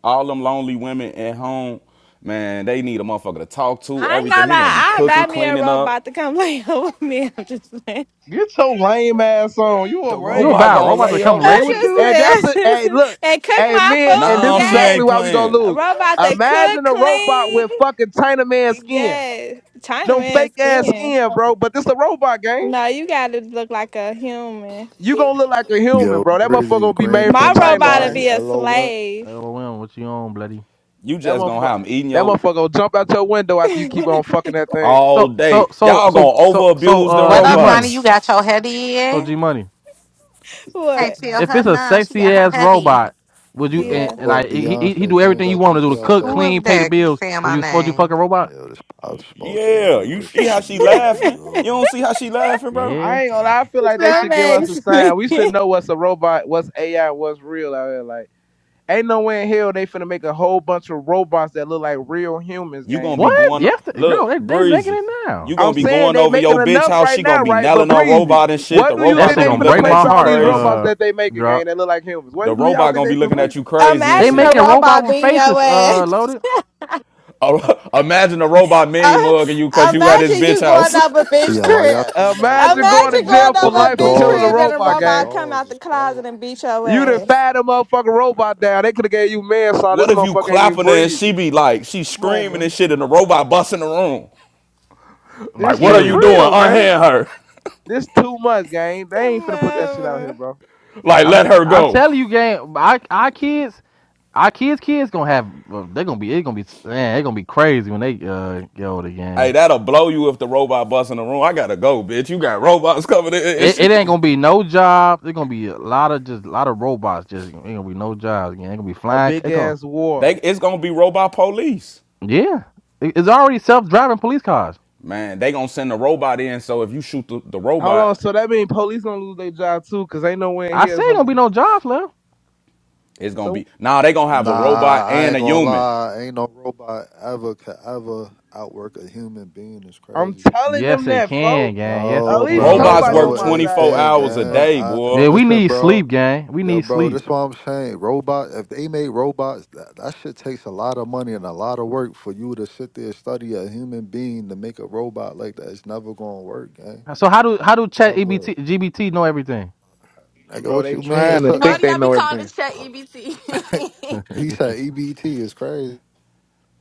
All them lonely women at home. Man, they need a motherfucker to talk to. I ain't Everything gonna he gonna be lie, I'll cooking, buy me a cleaning up. robot to come lay with me. I'm just saying. Get your lame ass on. You a The you going lame, robot buy a fuck. gonna robot to lay come up lay I with with you. just, you? And I that's a hey, look, and cook hey my man, and food. this No, is she Yes, exactly ain't why we gonna playing. lose. robot that cook Imagine a robot clean. with fucking China man skin. Yes, No fake Chinaman ass skin. skin, bro. But this a robot game. No, you gotta look like a human. You gonna look like a human, Yo, bro. That motherfucker Brizzy, gonna be Green made from My being my China, robot'll body, gang. be a LOL. slave. LOM, what you on, bloody? You That just gonna motherfucker have him eating that your motherfucker gonna jump out your window after you keep on fucking that thing. all So so day. so Y'all so gonna so over so abuse them uh, What G up, Nani? money. robots. You got your head So G in? money. If Can't what? tell if her it's a none. She sexy got her ass head in. robot, would you Yo, and, Yeah, and Court, like he, he he Beyonce, do change everything you that want P him to do T to I, cook, Who baby. is clean, pay the that bills? saying Would my you would you fuck name? a robot? Yo, this pop smoke you. I Yeah, heard you Christian see do how she your, do laughing? your. You don't see how she laughing, bro? Yeah. I ain't gonna man. lie, I feel like they that should give us a makes me. sign. We should know what's a robot, what's AI, what's real out here. Like Ain't no way in hell they finna make a whole bunch of robots that look like real humans, You gang. gonna be But What? going Yes, th- girl, look they they making breezy. it You now. gonna I'm be saying going they over your making bitch enough house. right She now, gonna be right? But nailing our Breezy, robot and shit. what The do you That robot think shit gonna they be gonna finna break looking place at my you all heart. these crazy. robots Uh, that they making, gang? drop. that look like humans? The What do y'all robot think gonna they be finna looking place at you them? crazy and They Imagine a shit. making robot robot with being your faces. ass. Uh, loaded Oh, Imagine a robot Uh, mean mugging you cause you at his imagine bitch you going house. up a bitch Yeah, why y'all crib. females be Imagine acting going to like Imagine y'all going jail don't for over a order life for bitch dolls killing a and crib be and a robot, fucking robot gang. come out dolls the It's crazy. closet and beat your You done ass. fat a motherfucking robot down. They coulda gave you manslaughter. what This if you motherfucker ain't even clapping her and breathe. she be like, she Come on, screaming and man. shit, and the robot busting the room? and Like, This what are shit kill you you. doing? real, gang. Unhand her. This too much, gang. They ain't finna put that shit out here, Mama. bro. Like, I'm let her I'm go. telling you, game. I I kids. Our kids, kids gonna have. uh, They gonna be. It's gonna be. Man, it's gonna be crazy when they uh get older Hey, again. that'll blow you if the robot busts in the room. I gotta go, bitch. You got robots coming in and It, shit. it ain't gonna be no job. It's gonna be a lot of just a lot of robots. Just ain't gonna be no jobs again. Ain't gonna be A flying. big It gonna ass war. They, it's gonna be robot police. yeah. It- It's already self driving police cars. Man, they gonna send a robot in, so if you shoot the, the How long? robot, So that means police gonna lose their job too, cause ain't nowhere in I here say is ain't gonna gonna be. be no jobs left. it's gonna So be nah, they gonna have a Nah, robot I and ain't a gonna human. lie. Ain't no robot ever could ever outwork a human being. It's I'm crazy. telling them Yes, it that, can, folks. gang. Yes, At it No, least bro. Robots can. somebody work on No, my it side of 24 this can't, bitch, hours a gang. bro. day, I Yeah, boy. we listen, need bro. sleep, gang. We Yo, need bro, sleep. that's why I'm saying robot. If they made robots, that, that shit takes a lot of money and a lot of work for you to sit there and study a human being to make a robot like that. It's never gonna work, gang. So how do how do Chat Ever. EBT, know everything? Nigga, Bro, what they you mean? trying It's to a, Why think that, do they y'all be know calling everything. this chat EBT? he said EBT is crazy.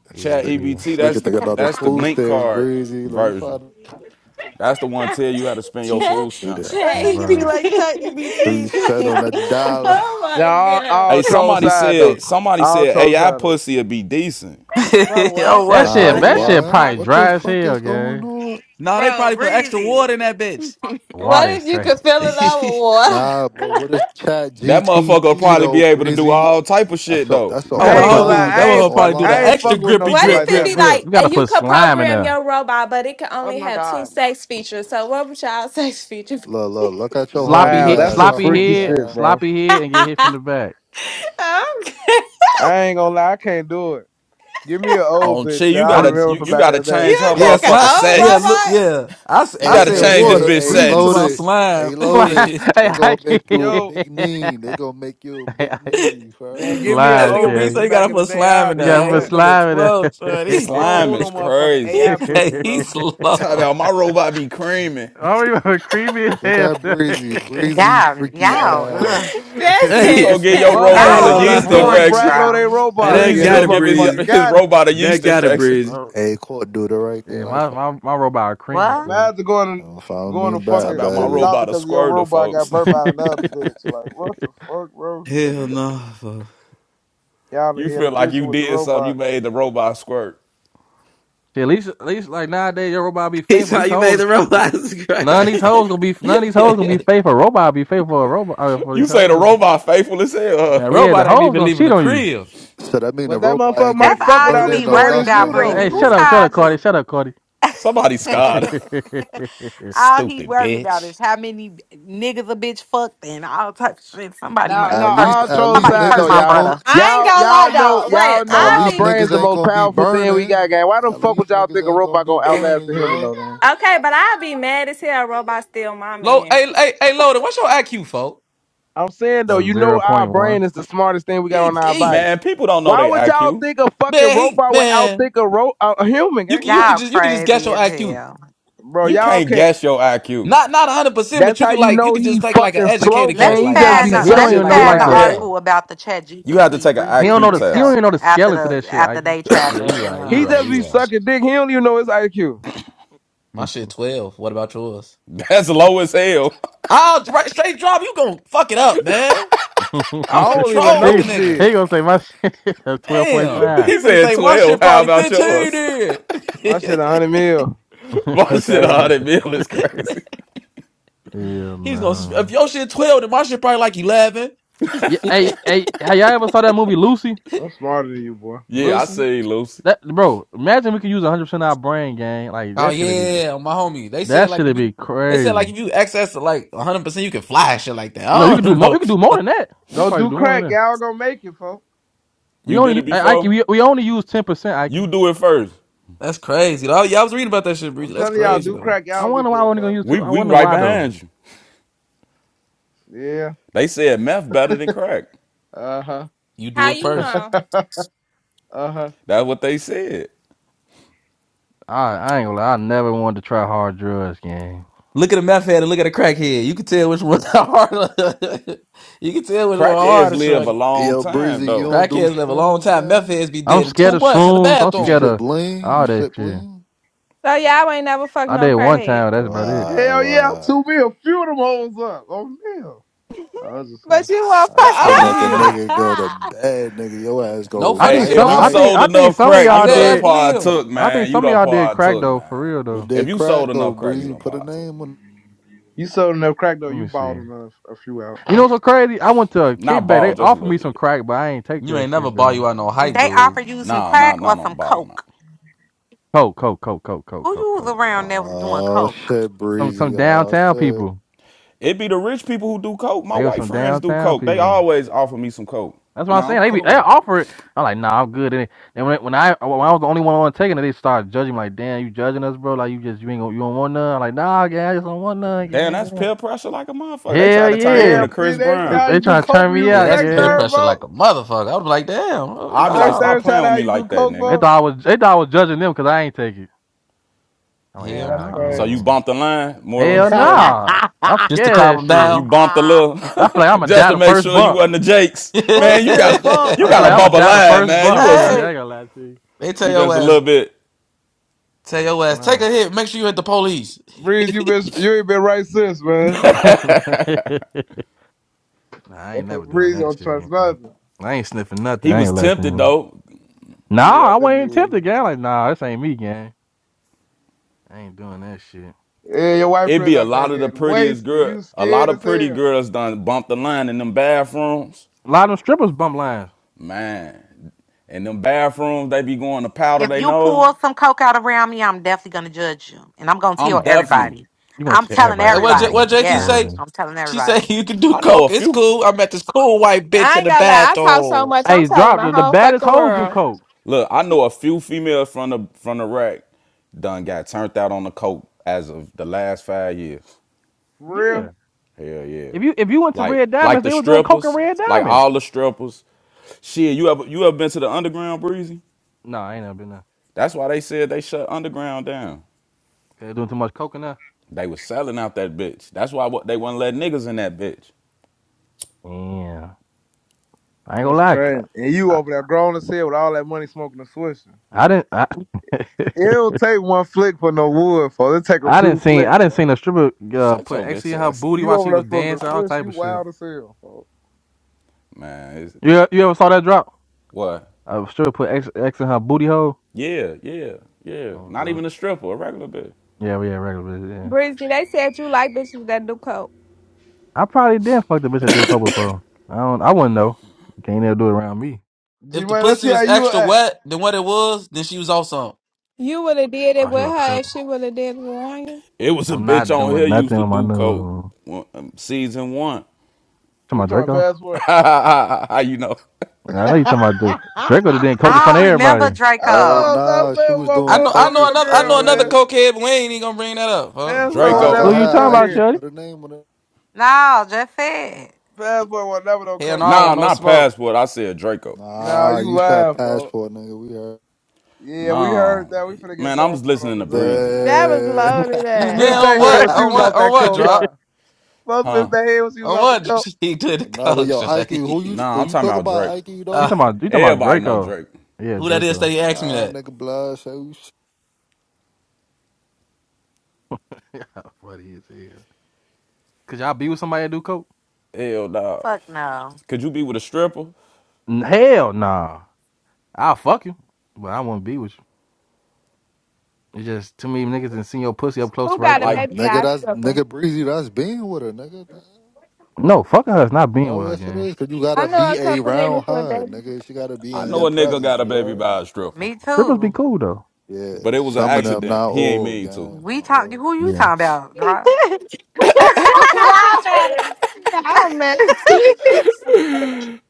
This Chat Nigga, EBT EBT, this nigga that's the thinking about the that's the food link stamps card breezy. Let me version. find. That's the one tell you how to spend your food Need a stamps. That on nigga be bro. ChatGPT. like, chat three cent EBT, on a dollar. oh Yeah, my all, god. all Hey, troll somebody side though. said somebody All said troll AI side though. pussy would be decent. Bro, oh what That what, the Nah, shit. fuck shorty? are That y'all shit what? probably talking What the dry about? as fuck hell, is going gang. on? nah, they Bro, probably put extra breezy. water in that bitch. What Water is if you crazy. could fill it up with water? Nah, but what is Chat That motherfucker will GTP probably be though, able to do Breezy? all type of That's shit a though. that's a You Oh my I gotta ain't gonna put lie, homie, online that that's I a ain't motherfucker fuck, probably do the I online ain't extra shit. fucking with no grippy What shit grip if like it that, grip be bro. like grip. you gotta and you put could slime in program there. your robot, but it could Oh only my have two God. sex features? So what would y'all sex feature be? Look, look, look at your Sloppy horny Wow, hit, that's ass. some Her sloppy freaky horny head, shit, ass. bro. sloppy head, and get hit okay. from the back. I ain't gonna lie, I can't do it. Give me an old On Chi, bitch that you I I'm gotta t- remember you, from you back in gotta the day. You change her would Yeah, take an motherfucker slime. old Yeah, look. sentence. robot? Yeah, I, s- You I Hey, gotta said hey, change this hey, water bitch hey, breathe to my sentence. loaded. slime. Hey, hey, loaded. that They gonna I make you a Yo, big can't. knee. They gonna make you a Hey, big I- knee, man, heard? give me an slime, nigga old breathe bitch so Jay. from he got back to in the put day. slime I'll in You gotta there. take Hey, put this that. nigga slime in slow, shorty. I there. don't Slime want is no motherfucking crazy. AI hey, pussy, he's bro. slow. Talk about my robot be creaming. oh, you are creamy as Look hell. at Breezy. Breezy Y'all, freaky y'all, ass. ugh. That's You Hey, gonna it. get your I Motherfuckers ain't robot Y'all a gonna all be in the lie, yeast bro. stores horny, infection. bragging on their bro. Hey, Hey, robot. that Yeah, Breezy hey, this gonna gotta give his breathe. motherfucker his got it. robot a yeast That got it, infection. Breezy. oh, hey, court do the right thing yeah, like my, so. my my robot a creamer, What? buddy. Imagine If I going don't follow going me to Talk back, fucking about to my the baby. doctor robot a because your squirter, robot got folks. burnt by another bitch. Like, what the fuck, bro? Hell no. fuck. Y'all in You here a feel like you threesome with the did something, you robot. made the robot squirt. See, at least at least like nowadays your robot be He faithful. saw These you hoes made the robots None cry. of these hoes gonna be none of these hoes gonna be faithful. A robot be faithful for a robot uh, for You these say the hoes. robot faithful as hell. huh? Man, Yeah, the robot ain't hoes even gonna leaving cheat the on you. crib. So that mean the But that robot motherfucker ain't gonna might That's be fuck all you without us burning be no knowing worried it's about, nothing, you huh, though. Breezy. Hey, shut Who's up, Breezy? shut up, called Cardi, you? shut up, Cardi. Somebody a scarred. all he Stupid worried about bitch. is how many niggas a bitch fucked and all types of shit. Somebody Now, must now, At hurt. least all at troll least Somebody aside hurt though, niggas my ain't y'all. gonna brother. I ain't Y'all, gonna lie y'all know, though. Wait, y'all know At I'll our least be brains niggas the ain't most gonna be powerful thing we burning. got, gang. Why the At fuck would least y'all niggas think a ain't gonna robot be gonna outlast burning, a you human heard? though, gang? okay, but I'll be mad as hell. Robot steal my Low, man. hey, hey, hey, Loaded, what's your IQ, folk? I'm saying though, you know zero our point brain one. is the smartest thing we got on our body. BD. Man, people don't know Why their would y'all IQ. think a fucking Man, he, robot would man, outthink a ro- a, a human, you can, gang? you Like, can Y'all just, you can just guess crazy your as IQ. hell. bro, You y'all can't can't. guess your IQ. Not, not hundred percent, but That's you how could you like, you know could just he take like an fucking slow, educated Let guess. me gang. He Like, just I find. be say The, He my let don't me shit even sucking like know find like the dick, around the here. gang. article about the Chat You have to GPT take an he don't rebuilding know IQ the he don't itself test. even know the after scaling to the that shit. after I they tried Yeah, you to. right, He you Um, right, just you be right. sucking dick. He don't even know his IQ. My shit twelve. What about yours? That's low as hell. I'll right, straight drop. You gonna fuck it up, man. I'm I finna don't even troll with know he the nigga. he shit. gonna say my shit a twelve point Damn, five. he he finna said say my 12. shit How probably about fifteen. yours? Then My shit a hundred mil. My Fuck shit, yeah, out of here. 100 mil is crazy. he's gonna if man. your shit twelve, then my shit probably like eleven. Yeah, hey, hey, have y'all ever saw that movie Lucy? I'm smarter than you, boy. Yeah, I Lucy, see, Lucy. That bro, imagine we could use 100 percent of our brain, gang. Like oh that shit would be. yeah, my homie. They That said like if shit'd you, be they said crazy. like if you access to like hundred percent, you can fly and shit like that. No, you I could do don't more. You could do more know. than that. You Go probably do do more than crack, that. y'all gonna make it, folks. You We only, did it u- I- Ike, before? we, we only use ten percent, Ike. You do it first. That's crazy. though. Yeah, I was reading about that shit, I'm Breezy. That's telling y'all, crazy do though. crack, I y'all be wonder why I good, wasn't gonna folks. use We, two. I we wonder right why though. behind you. Yeah. They said meth better than crack. Uh huh. You do How it you first. know? Uh huh. That's what they said. I, I ain't gonna lie. I never wanted to try hard drugs, gang. Look at a meth head and look at a crackhead. You can tell which one's harder. you can tell which one Crackheads harder. live a Shorty. Hey, long Yo, time, Breezy, you though. don't do Crackheads live a long shrooms, time. Meth gang? heads be I'm dead in scared two of months in the shrooms. I'm You bathroom. scared sip of lean? You all that sip shit. lean? So y'all ain't never fucked I no did one crackhead. time. That's about it. Alright, Hell yeah, alright. two mil. Few of them hoes up. Oh, mil. I was just But saying. you won't I fuck. I should make a believe Ah! him. nigga go to bed, nigga. Your ass No go I funny Hey, think shit night if some. you I though. night. think. sold I think enough some of crack, I, I you y'all dead done ass did. believe him. partook, I think man. You some of done y'all did crack partook, though, for man. real Who though. If did you crack sold though, enough crack, you Breezy? done Put a partook. name on. You sold enough crack, though. Let You me bought see. them a, a few out. You know what's so crazy? I went to a Not kickback. They ball, just a offered little me some bit. crack, but I ain't take You that ain't never shit ball though. you out no hype, they dude. offered you some Nah, nah, crack nah, or some don't bottom out. coke. Coke, coke, coke, coke, coke, Who coke, you was coke, coke. around that was doing Oh coke? shit, Some Breezy. some Oh downtown shit. people. It be the rich people who do coke. My They were white some friends do downtown coke. They people. always offer me some coke. That's what I'm Nah, I'm saying. They be they cool. offer it. I'm like, nah, I'm good. And then and when when I when I was the only one on taking it, they started judging me. Like, damn, you judging us, bro? Like, you just you ain't gonna, you don't want none. I'm like, nah, gang, I just don't want none, Damn, gang. that's gang." peer pressure like a motherfucker. They try Hell to turn you yeah, Damn, into Chris Reed, ain't for they, Brown. how they you do trying to coke turn when me you was Yeah, a out, that's sex peer third gang. pressure like folks. a motherfucker. I was like, damn, oh, The i be like, sex no, stop third shot playing with how me you do like that, coke, They nigga. folks. thought I was they thought I was judging them because I ain't take it. I'm like, Damn, hell that's nah, So no. crazy. you gang. bumped the line. Moral of the Hell story. nah. I'm Just to scared of calm that him shit. You down. bumped a little I feel like I'm gonna just die to the make first sure you bump. wasn't the Jakes. hey, Man, Both you did a got bump, I you feel got to like I'm man. bump gonna a die the line, first man. You bump, was Shorty. I ain't they gonna lie to you. tell you just your a ass, little bit. tell Yeah, your ass, take no. a hit. Make sure you hit the police. Breeze, you hey, been you ain't been right since, man. Nah, I ain't never doing Breeze that don't shit trust again. man. nothing. I ain't sniffing nothing. He I was ain't tempted letting. though. Nah, Yeah, I I think wasn't you even was. tempted, gang. Like, nah, this ain't me, gang. I ain't doing that shit. Yeah, your white it be friends a out there lot of the getting prettiest wasted. girl, You a lot scared of as pretty hell. girls done bumped the line in them bathrooms, A lot of them strippers bump lines. man. In them bathrooms, they be going to powder. If They you know. pull some coke out around me, I'm definitely gonna judge you, and I'm gonna I'm tell definitely. everybody. You gonna I'm tell telling everybody this, what J- man? what everybody. It's JT Yeah, say? crazy. I'm telling She say everybody. you can do I know a coke. It's few. cool. I met this cool white bitch I in ain't the gonna lie. I talk so bathroom. much. I'm Hey, telling drop the the, the whole baddest fucking hoes do world. coke. Look, I know a few females from the from the rack done got turned out on the coke as of the last five years. For real? Yeah. Hell yeah. If you if you went to Like Red like Diamonds, the they were doing coke and strippers, Red like Diamonds. all the strippers. Shit, you ever you ever been to the underground breezy? No, I ain't never been there. That's why they said they shut underground down. They doing too much coke in there. They was selling out that bitch. That's why what they wouldn't let niggas in that bitch. Yeah. I ain't gonna That's lie. crazy. And you I, over there grown as hell with all that money smoking and swishing. I didn't. I, It don't take one flick for no wood, folks. It take a I few didn't seen I flicks, didn't seen a folks. stripper uh, Shut put your X in bitch her ass. booty You while over she there was smoking a dancing, all swish, type you of shit. wild as hell, folks. Man, it's, You you ever saw that drop? what? A stripper put X X in her booty hole. Yeah, yeah, yeah. Oh, Not bro. even a stripper, a regular bitch. Yeah, we had regular bitch. Yeah, Breezy, they said you like bitches that do coke. I probably did fuck the bitch I did coke before. I don't. I wouldn't know. You Can't ever do it around me. G If the man, let's pussy see how was you extra act. wet than what it was, then she was awesome. You would have did it Oh, she with left the her if coke. she would have did it with you. It was a I'm bitch not on here doing used nothing to with my do coke. new. Well, um, season one. To Who you my talking Draco. passport? How you know? I know you talking about Draco. Draco that did coke in I front don't of everybody. remember Oh Hello, Draco. stop nah, she playing with was my I doing boy. know, I I coke mean know is my another, I know girl, another crazy. man. cokehead, but we ain't even gonna bring that up. Huh? Passport Nah, will I Draco. never Who got no you talking her. about, Ike cokehead. Shorty? put a name on it. No, just said. Passport will never no Hell no, I don't Nah, cokehead. want no not smoke. passport. I said Draco. Nah, Nah, you you shot lying, folks. passport, nigga. We heard. Yeah, we heard No, that. We finna get man, I was passport on listening to this ass. Breezy, That was man. The... loaded You Then ass. missed on that head what? when Right. she On was what? off On that what? coke, Drop? huh? Folks Huh? missed their head when she was On off the what? coat. He did the nah, but coke, yo, Ike, who shorty. you Nah, who I'm you talking talk about Drake. about, Ike? You You Uh, know? talking about you talking about Everybody know Draco? Drake. Yeah, who that is that Draco. he asked me Nah, that? nigga, blood. Say we sh- Yeah, funny as hell. Could y'all be with somebody that do coke? Hell, dog. Fuck no. Could you be with a stripper? Hell nah. I'll fuck you, but I wouldn't be with you. It's just too many niggas and seeing your pussy up close Who right got a Like, there. baby nigga, guy that's stripper? nigga breezy. That's being with her, nigga. No, fucking her is not being Bro, with her, yes it gang. is. Cause you I gotta know be a couple niggas around with her, baby nigga. She gotta be I in know girl. your a nigga presence, got a you baby heard? by a stripper, Me strippers be too. cool though. Yeah, but it was an some of them, not accident. He ain't all, mean to. gang, We not talk. all. Who you Yeah. talking about, Dra? Y'all trying to be. Y'all messy.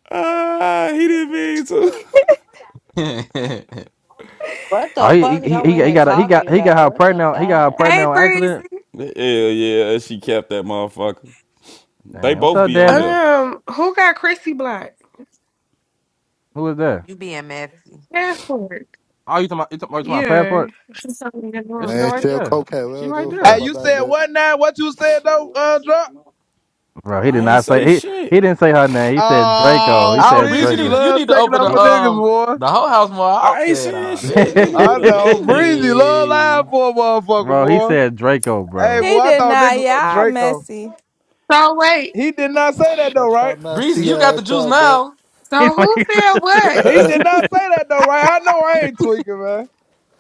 Ah, he didn't mean to. What the Oh, he fuck is he y'all in he, he here got a, he talking got he got about? her What the pregnant. He got her fuck? pregnant Hey, on Breezy. accident. Hell yeah, she kept that motherfucker. They Damn, what's both up, be on Daddy? here. Um, who got Chrissy blocked? Who is that? You being messy. Password. Oh, you talking about, you talking about, you talking about Yeah. passport? She's so in the There she go room. Man, right shell there. cocaine. We She don't give right a fuck Hey, there. about you that said bitch. what now? What you said though, uh, drop? Bro, he did I ain't not say say he shit. he didn't say her name. He said Draco. He Oh, oh, said Breeze, you Breezy, need to, Draco. you love need to taking open up the for He niggas, um boy. the whole house more I ain't often. saying Oh, shit, nigga. You I the know. you Breezy, love lying really? for a motherfucker, bro, he boy. said Draco, Hey, bro. boy, he I did thought not. nigga uh, Y'all Draco. messy. So wait. He did not say that though, Shut your right? Breezy, messy you got the ass juice up, man. now. He's So like, who said what? He did not say that though, right? I know I ain't tweaking, man.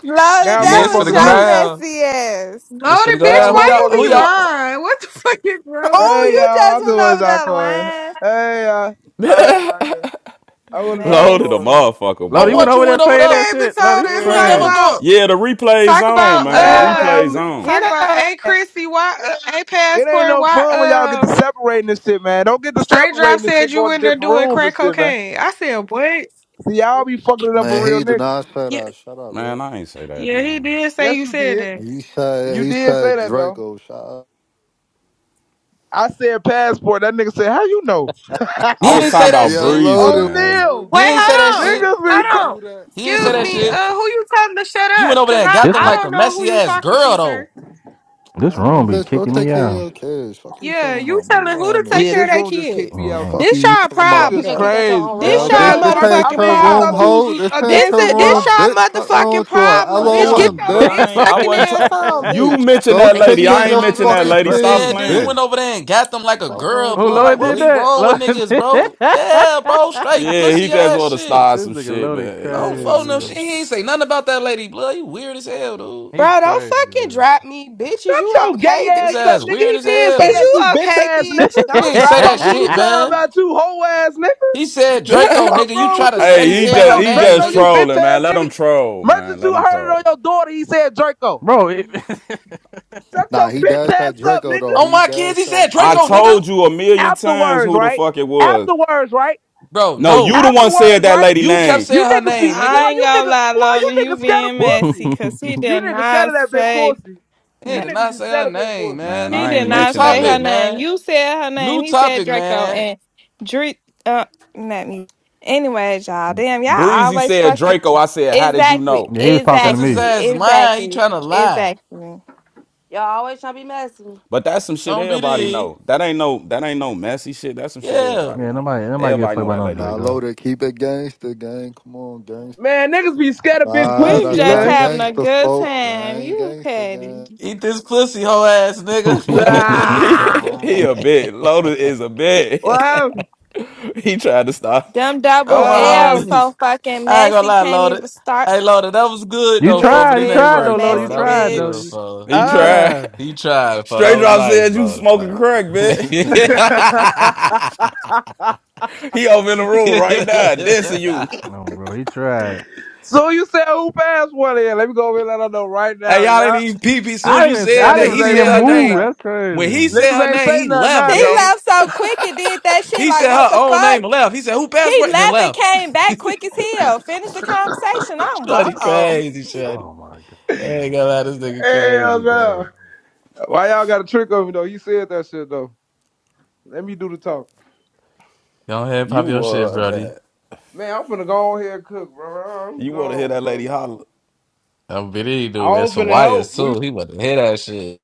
Lola, Now Yeah, that it's was finna motherfucker go your mute. down. messy ass. It's finna Loaded go bitch, Now down. Who why y'all? you motherfucker Who be mute. y'all? lying? What the fuck is wrong with Oh, Hey you? you y'all, just I just went was over out that calling. line. Hey y'all, I was out calling. I was out loaded a calling. Messy. motherfucker, Lord, On you went boy. what over you there went He over saying there? that came and shit. Lord, told you Yeah, us You you ain't talk never know. crazy. about go. Yeah, the replay's talk on, about man. The Hey Yeah, uh replay's family. on. talk get about up. hey Chrissy, why uh, a It ain't passport, no why fun when y'all get uh to separating this shit, man. Don't get to straight drop separating this said shit, you going to in there different doing rooms and crack shit, man. cocaine. I said, What? See, y'all be fucking it up for Man, real he did niggas. not say Yeah, that. Shut up, Man, man. I ain't say that, yeah, he man. did say Yes, you you said did. that. He said You he did say said that though. Draco. Shut up. I said passport. That nigga said, "How you know?" I You was ain't talking say that about Yeah, shit. Breezy, loaded. Why man. don't O'Neal, Wait, He do ain't say that, that hold on. shit. loaded? niggas be. Don't Cr- Hold on. do that. He ain't say Excuse that me. shit. Uh, who you telling to shut You went up? over Cause there and I got This them I ro- like a don't know who messy you ass talking girl to, though. sir. this Man, room be bitch, go kicking take me care of out. your kids. Fuck you Yeah, talking you about. Move telling who around to me, take yeah, care of this bitch. their room just kicked kids. me out Oh, mm too. Fuck you, This you y'all talking about. You Niggas get problem. kicked out your crazy. own room. This Yo, What the y'all bitch, fuck? this Passport. ain't I motherfucking your mean, I room, thought you problem. hoe. was This a ain't This your gangster, it- draw. this room, y'all bitch. Fuck wrong motherfucking with you on problem, I bitch. Get LOM, am, your but bitch. dick I ain't Lord- I sucking wasn't t- ass Fuck wrong on, with you you. bitch. mentioned Go that they take kicking lady. you care of I out your ain't your own mentioned room, that fucking Breezy. lady. Stop Yeah, kids, then you bitch. playing. went over there and got them like a Fuck wrong girl, with Who blood. you, Like, Lord what did be bitch. that? wrong with Lord niggas, did bro? that. Yeah, bro, straight Yeah, he pussy just ass wanna shit. start This some nigga shit, Lord man. I His don't crazy. ass phone a no shit. man. He goofy. ain't say nothing about that lady, blood. You weird as hell, dude. He Bro, don't crazy, fucking man. drop me, bitch. Is Shut you your gay okay, His ass up, ass bitch? nigga. weird He as did say Is hell. that, you you bitch okay, ass bitch? He nigga. Don't ain't say drop that Fuck you, me. shit, some time man. about you, hoe ass nigga. He said Draco, hey, Fuck nigga. You wrong try with to you, nigga? He steady ain't he say saying just her no he name, Draco, just you nigga. bitch trolling, man. ass Let him nigga. troll, Merchant, man. Let you him heard it on troll. your daughter. He said Draco. Bro, it, Shut Nah, your he bitch does ass that up, Draco nigga. though. On He my kids, does he that said I Draco, Draco. nigga. told you a million times Afterwards, who the right? fuck it was. Afterwards, right? Bro, No, you no. the one said Afterwards, that right? lady You kept name. You saying her niggas be name, I boy, nigga. ain't you gonna nigga, lie, boy, Lola, you you niggas scared of being messy pussy. because he did You niggas scared of not that big say, pussy. You Hey, na- did niggas not be say scared her of big name, pussy. Man, man. he I New did ain't new not mentioned that say her topic, lady. name. man. You said her name. New He said topic, Draco man. and Dre, uh, not me. Anyways, y'all, damn, y'all Breezy always said fucking. Draco. I said, how did you Exactly, know? yeah, he was talking to Cause his me. exactly, ass lying. He exactly, trying to lie. exactly. Y'all always trying to be messy. But that's some shit On everybody BD. know. That ain't no that ain't no messy shit. That's some shit Yeah. everybody Yeah, know. nobody nobody get Everybody fucked know by that no lady Nah, do Draco. coke. loaded. Keep it gangster, gang. Come on, gangster. Man, niggas be scared of big Nah, We pussy, that's just not man. having a gangster, good folks. I time. ain't You gangster, gang. petty. Eat this pussy hoe ass nigga. He Ah, he a bit. Loaded is a bit. what happened? He tried to stop. Them oh double my What, L what so homie. fucking I ain't gonna messy lie, can't even Lord. start Hey Lord, that was good you though, Liz fo, tried, but you it ain't Liz tried or though, work, Lord. You fo. messy That was tried though. good, bitch. You, fo. He you happened? tried. tried. He tried, fo. That Straight was drop nice, said you Lord. smoking fo. crack, bitch. Huh? He over in the room right now, dissing you. No, bro, he tried. So you said who passed password is? Let me go over and let her know right Hey, now, y'all didn't yeah? even peep. As soon as I you didn't even I Now said didn't that, even he niggas see ain't said him her say nothing move. name. now. That's When he crazy. said her Niggas ain't name, say he nothing left, now He though. gang. left so quick and did that shit He like said what her the own fuck? name and left. He said, who passed He away? Then left and left. came back quick as hell. Finished the conversation. I'm Shorty wow. crazy, Shorty. Oh my I god. ain't gonna lie, this nigga Hell crazy, bro. no. Why y'all got a trick on me though? You said that shit though. Let me do the talk. Go ahead, You pop your shit, were Brody. bad. Man, I'm finna go on here and cook, bro. I'm You wanna hear gone, that bro. lady holler. I'm believe you, I dude. And was some finna wires, help. We. too. He wasn't hear that shit.